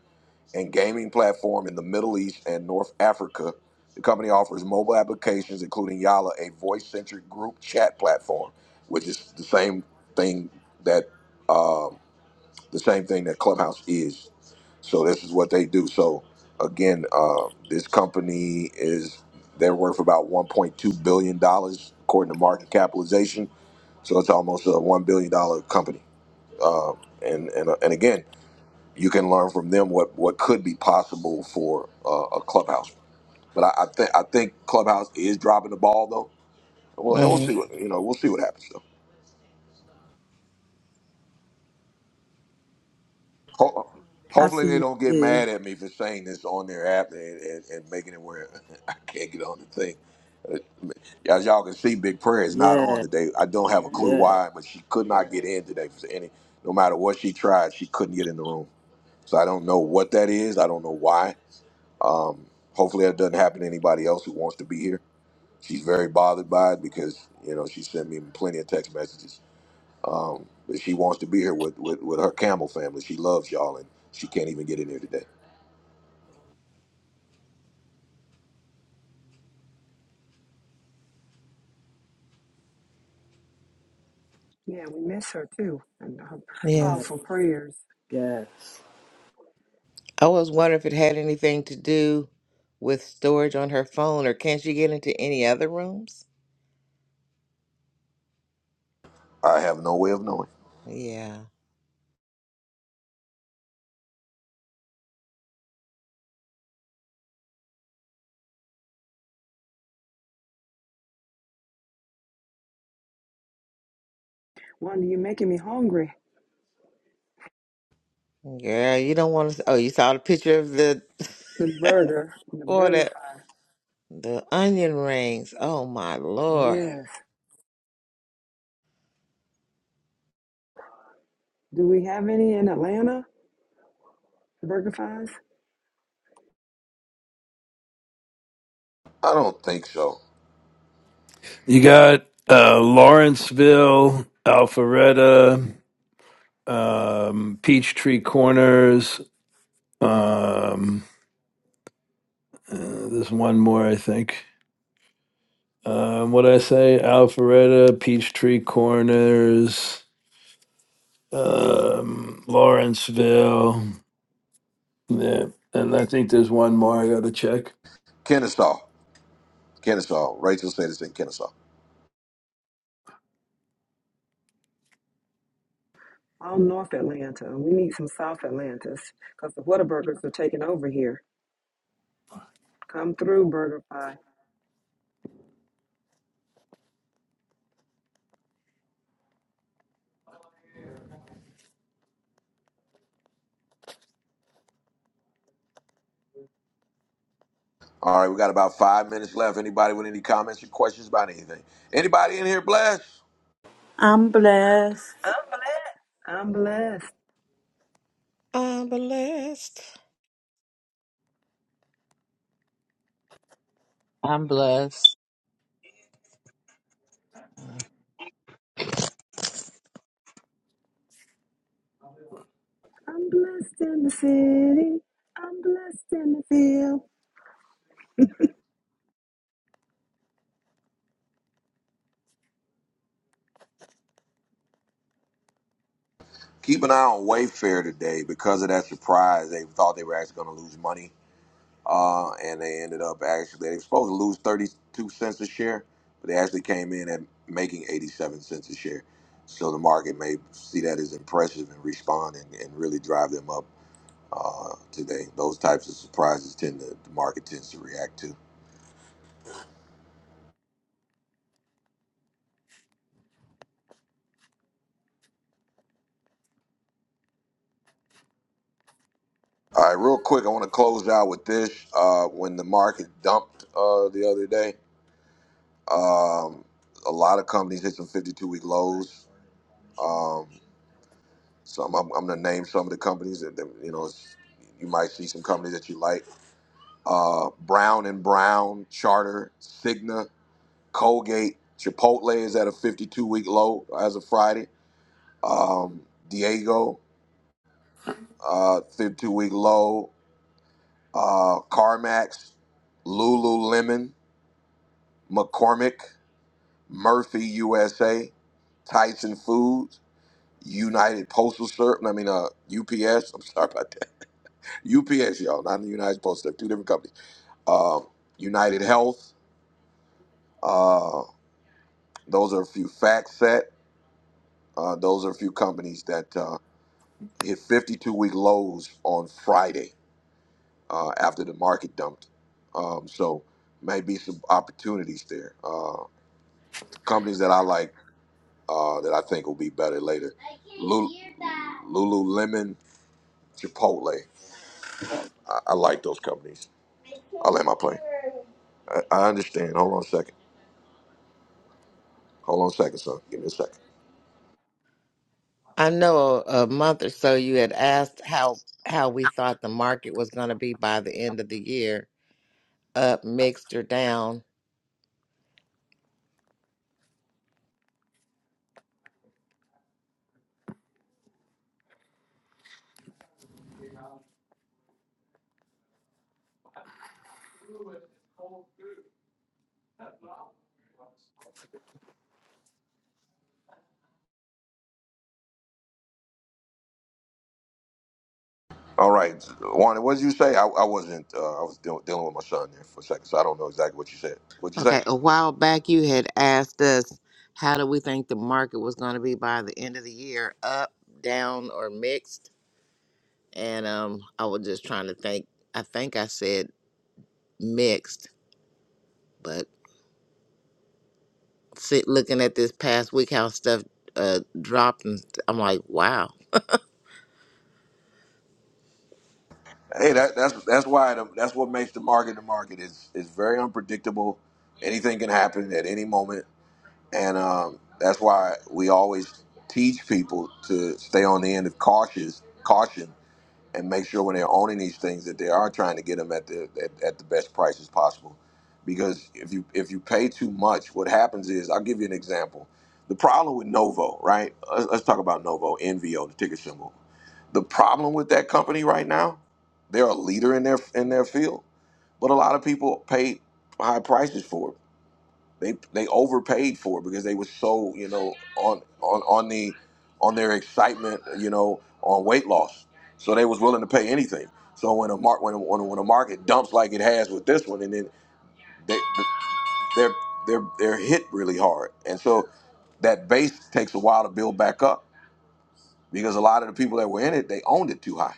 A: and gaming platform in the Middle East and North Africa. The company offers mobile applications, including Yalla, a voice-centric group chat platform, which is the same thing that um, the same thing that Clubhouse is. So this is what they do. So again, uh, this company is they're worth about 1.2 billion dollars according to market capitalization. So it's almost a one billion dollar company. Uh, and and and again, you can learn from them what what could be possible for uh, a Clubhouse. But I, I think I think Clubhouse is dropping the ball though. Well, and we'll
C: hmm
A: see what you know. We'll see what happens. Ho-
B: I
A: hopefully they
B: see
A: don't get
B: you.
A: mad at me for saying this on their app and, and, and making it where I can't get on the thing. As y'all can see, Big Prayer is not
B: there.
A: on
B: Yeah,
A: today. I don't have a clue
B: yeah,
A: why, but she could not get in today for any. No matter what she tried, she couldn't get in the room. So I don't know what that is. I don't know why. Um, hopefully that doesn't happen to anybody else who wants to be here. She's very bothered by it because you know she sent me plenty of text messages um, but she wants to be here with, with, with her camel family. She loves y'all, and she can't even get in here today.
F: Yeah, we miss her too, and her
C: Yeah.
F: powerful prayers.
B: yes.
C: I was wondering if it had anything to do with storage on her phone, or can she get into any other rooms?
A: I have no way of knowing.
C: Yeah.
F: Wanda, you're making me hungry.
C: Girl, you don't want to. Oh, you saw the picture of the
F: The burger, the
C: or
F: burger
C: the
F: fry.
C: the onion rings. Oh my lord.
F: Yes. Do we have any in Atlanta? Burger fries?
A: I don't think so.
K: you got uh, Lawrenceville, Alpharetta, um, Peachtree Corners. Um, uh, there's one more, I think. Um, what I say? Alpharetta, Peachtree Corners, um, Lawrenceville. Yeah. And I think there's one more I got to check.
A: Kennesaw. Kennesaw. Rachel said it's in Kennesaw.
F: All North Atlanta. We need some South Atlantis because the Whataburgers are taking over here. Come through, burger fry.
A: All right, we got about five minutes left. Anybody with any comments or questions about anything? Anybody in here blessed?
B: I'm blessed.
F: I'm blessed. I'm blessed.
C: I'm blessed.
H: I'm blessed.
F: I'm blessed in the city. I'm blessed in the field.
A: Keep an eye on Wayfair today because of that surprise. They thought they were actually going to lose money. uh, and they ended up actually they were supposed to lose 32 cents a share, but they actually came in at making 87 cents a share. So the market may see that as impressive and respond and, and really drive them up uh, today. Those types of surprises tend to the market tends to react to. All right, real quick, I want to close out with this. Uh, when the market dumped uh, the other day, um, a lot of companies hit some 52 week lows. Um, Some I'm, I'm gonna name some of the companies that, that you know it's, you might see some companies that you like: uh, Brown and Brown, Charter, Cigna, Colgate, Chipotle is at a 52 week low as of Friday. Um, Diego, uh, 52 week low. Uh, CarMax, Lululemon, McCormick, Murphy USA, Tyson Foods, United Postal Service. I mean, uh, UPS. I'm sorry about that. UPS, y'all, not the United Post Service, two different companies. Um, United Health, uh, those are a few. FactSet, uh, those are a few companies that uh, hit 52 week lows on Friday uh, after the market dumped. Um, so, maybe some opportunities there. Uh, companies that I like uh, that I think will be better later. Lul- Lululemon, Chipotle. I, I like those companies. I will let my plane. I, I understand. Hold on a second. Hold on a second, son. Give me a second.
C: I know a, a month or so you had asked how how we thought the market was going to be by the end of the year, up, mixed, or down.
A: All right, Wanda, what did you say? I, I wasn't. Uh, I was deal- dealing with my son there for a second, so I don't know exactly what you said. What you say?
C: Okay, a while back you had asked us how do we think the market was going to be by the end of the year, up, down, or mixed? And um, I was just trying to think. I think I said mixed, but sit looking at this past week how stuff uh dropped, and I'm like, wow.
A: Hey, that, that's that's why the, that's what makes the market the market is is very unpredictable. Anything can happen at any moment, and um, that's why we always teach people to stay on the end of cautious caution and make sure when they're owning these things that they are trying to get them at the at, at the best prices possible. Because if you if you pay too much, what happens is I'll give you an example. The problem with Novo, right? Let's, let's talk about Novo, NVO, the ticker symbol. The problem with that company right now, they're a leader in their in their field, but a lot of people paid high prices for it they they overpaid for it because they were so you know on on on the on their excitement you know on weight loss so they was willing to pay anything so when a mark when, when when a market dumps like it has with this one and then they they're they're they're hit really hard and so that base takes a while to build back up because a lot of the people that were in it they owned it too high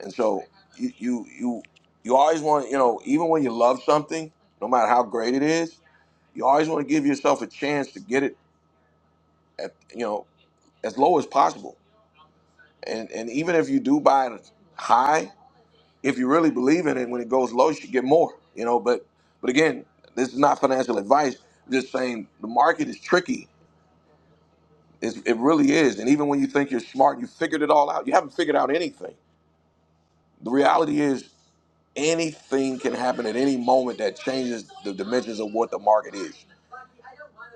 A: and so you you you, you always want you know even when you love something no matter how great it is you always want to give yourself a chance to get it at, you know as low as possible. And and even if you do buy it high, if you really believe in it, when it goes low, you should get more. You know, but but again, this is not financial advice. I'm just saying the market is tricky. It's, it really is. And even when you think you're smart, you figured it all out. You haven't figured out anything. The reality is anything can happen at any moment that changes the dimensions of what the market is.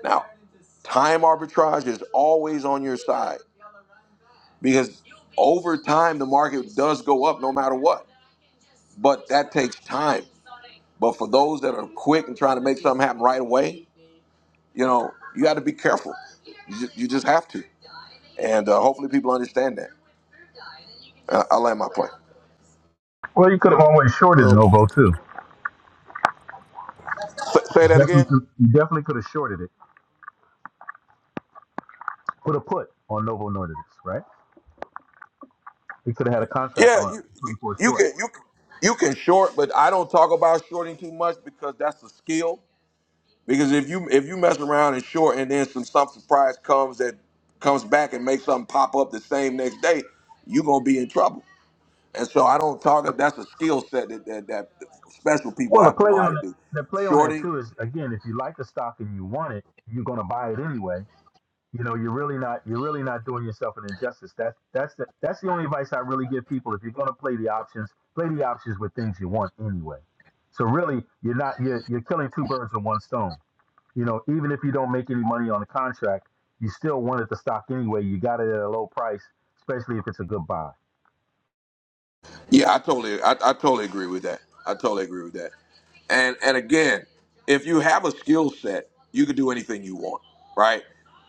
A: Now, time arbitrage is always on your side because over time the market does go up no matter what but that takes time but for those that are quick and trying to make something happen right away you know you got to be careful you just, you just have to and uh, hopefully people understand that uh, i land my plane
L: Well, you could have always shorted
C: Well,
L: Novo too.
A: say, say
L: You
A: that
L: definitely,
A: again
L: could, you definitely could have shorted it. Put a put on Novo Nordisk, right? You could have had a contract
A: yeah
L: on it,
A: you
L: put
A: you
L: it for a
A: you can
L: short.
A: you you can short but i don't talk about shorting too much because that's a skill Because if you if you mess around and short and then some some surprise comes that comes back and makes something pop up the same next day, you're gonna be in trouble. And so I don't talk that's a skill set that, that that special people
L: Well, the
A: have to
L: play
A: know how
L: on
A: to do.
L: the play on that
A: Shorting,
L: too is again, if you like the stock and you want it, you're going to buy it anyway. You know, you're really not you're really not doing yourself an injustice. That's that's the that's the only advice I really give people. If you're going to play the options, play the options with things you want anyway. So really, you're not you're you're killing two birds with one stone You know, even if you don't make any money on the contract, you still want it the stock anyway. You got it at a low price, especially if it's a good buy.
A: yeah, I totally I, I totally agree with that. I totally agree with that. And and again, if you have a skill set, you can do anything you want, right?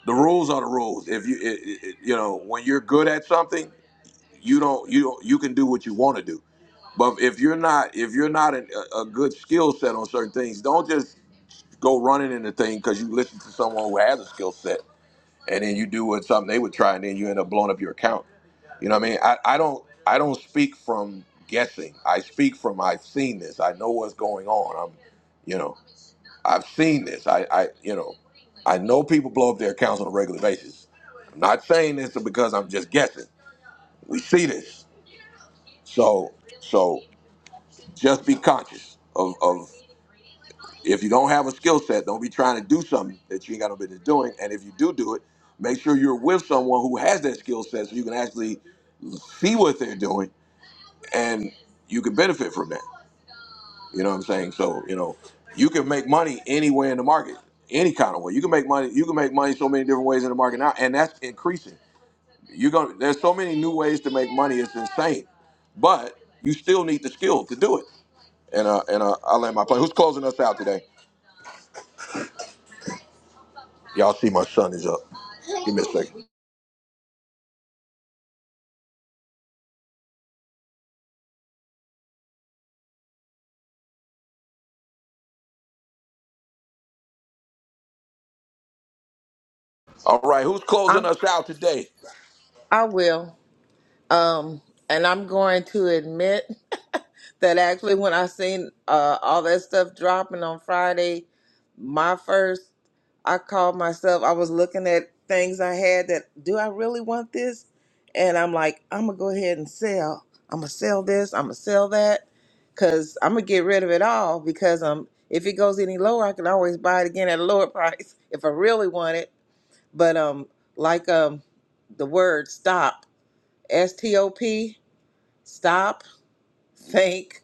A: The rules are the rules. If you it, it, it- you know when you're good at something, you don't you don't, you can do what you want to do but if you're not if you're not an, a, a good skill set on certain things don't just go running into things because you listen to someone who has a skill set and then you do what something they would try and then you end up blowing up your account you know what i mean i, I don't i don't speak from guessing i speak from i've seen this i know what's going on i'm you know i've seen this i i you know i know people blow up their accounts on a regular basis i'm not saying this because i'm just guessing we see this so so just be conscious of, of if you don't have a skill set, don't be trying to do something that you ain't got no business doing. And if you do do it, make sure you're with someone who has that skill set so you can actually see what they're doing and you can benefit from that. You know what I'm saying? So, you know, you can make money anywhere in the market, any kind of way. You can make money, you can make money so many different ways in the market now, and that's increasing. You're gonna there's so many new ways to make money, it's insane. But you still need the skill to do it. And uh and uh I'll land my plane. Who's closing us out today? Y'all see my son is up. Give me a second. All right, who's closing
C: I'm
A: us out today?
C: I will. Um, and I'm going to admit that actually when I seen uh, all that stuff dropping on Friday, my first, I called myself, I was looking at things I had that, do I really want this? And I'm like, I'm going to go ahead and sell. I'm going to sell this. I'm going to sell that because I'm going to get rid of it all because um, if it goes any lower, I can always buy it again at a lower price if I really want it. But um, like um, the word stop, S-T-O-P, Stop, think,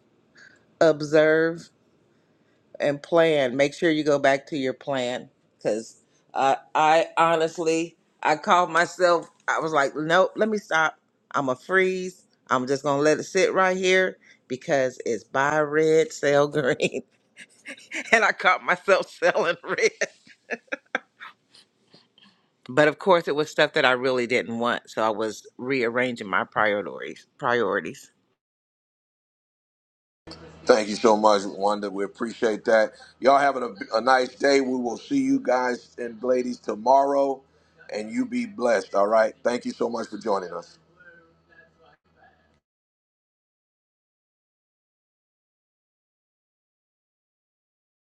C: observe, and plan. Make sure you go back to your plan because uh, I honestly, I called myself. I was like, nope, let me stop. I'm a freeze. I'm just gonna let it sit right here because it's buy red, sell green, and I caught myself selling red. But of course, it was stuff that I really didn't want, so I was rearranging my priorities. Priorities.
A: Thank you so much, Wanda. We appreciate that. Y'all having a, a nice day. We will see you guys and ladies tomorrow, and you be blessed. All right. Thank you so much for joining us.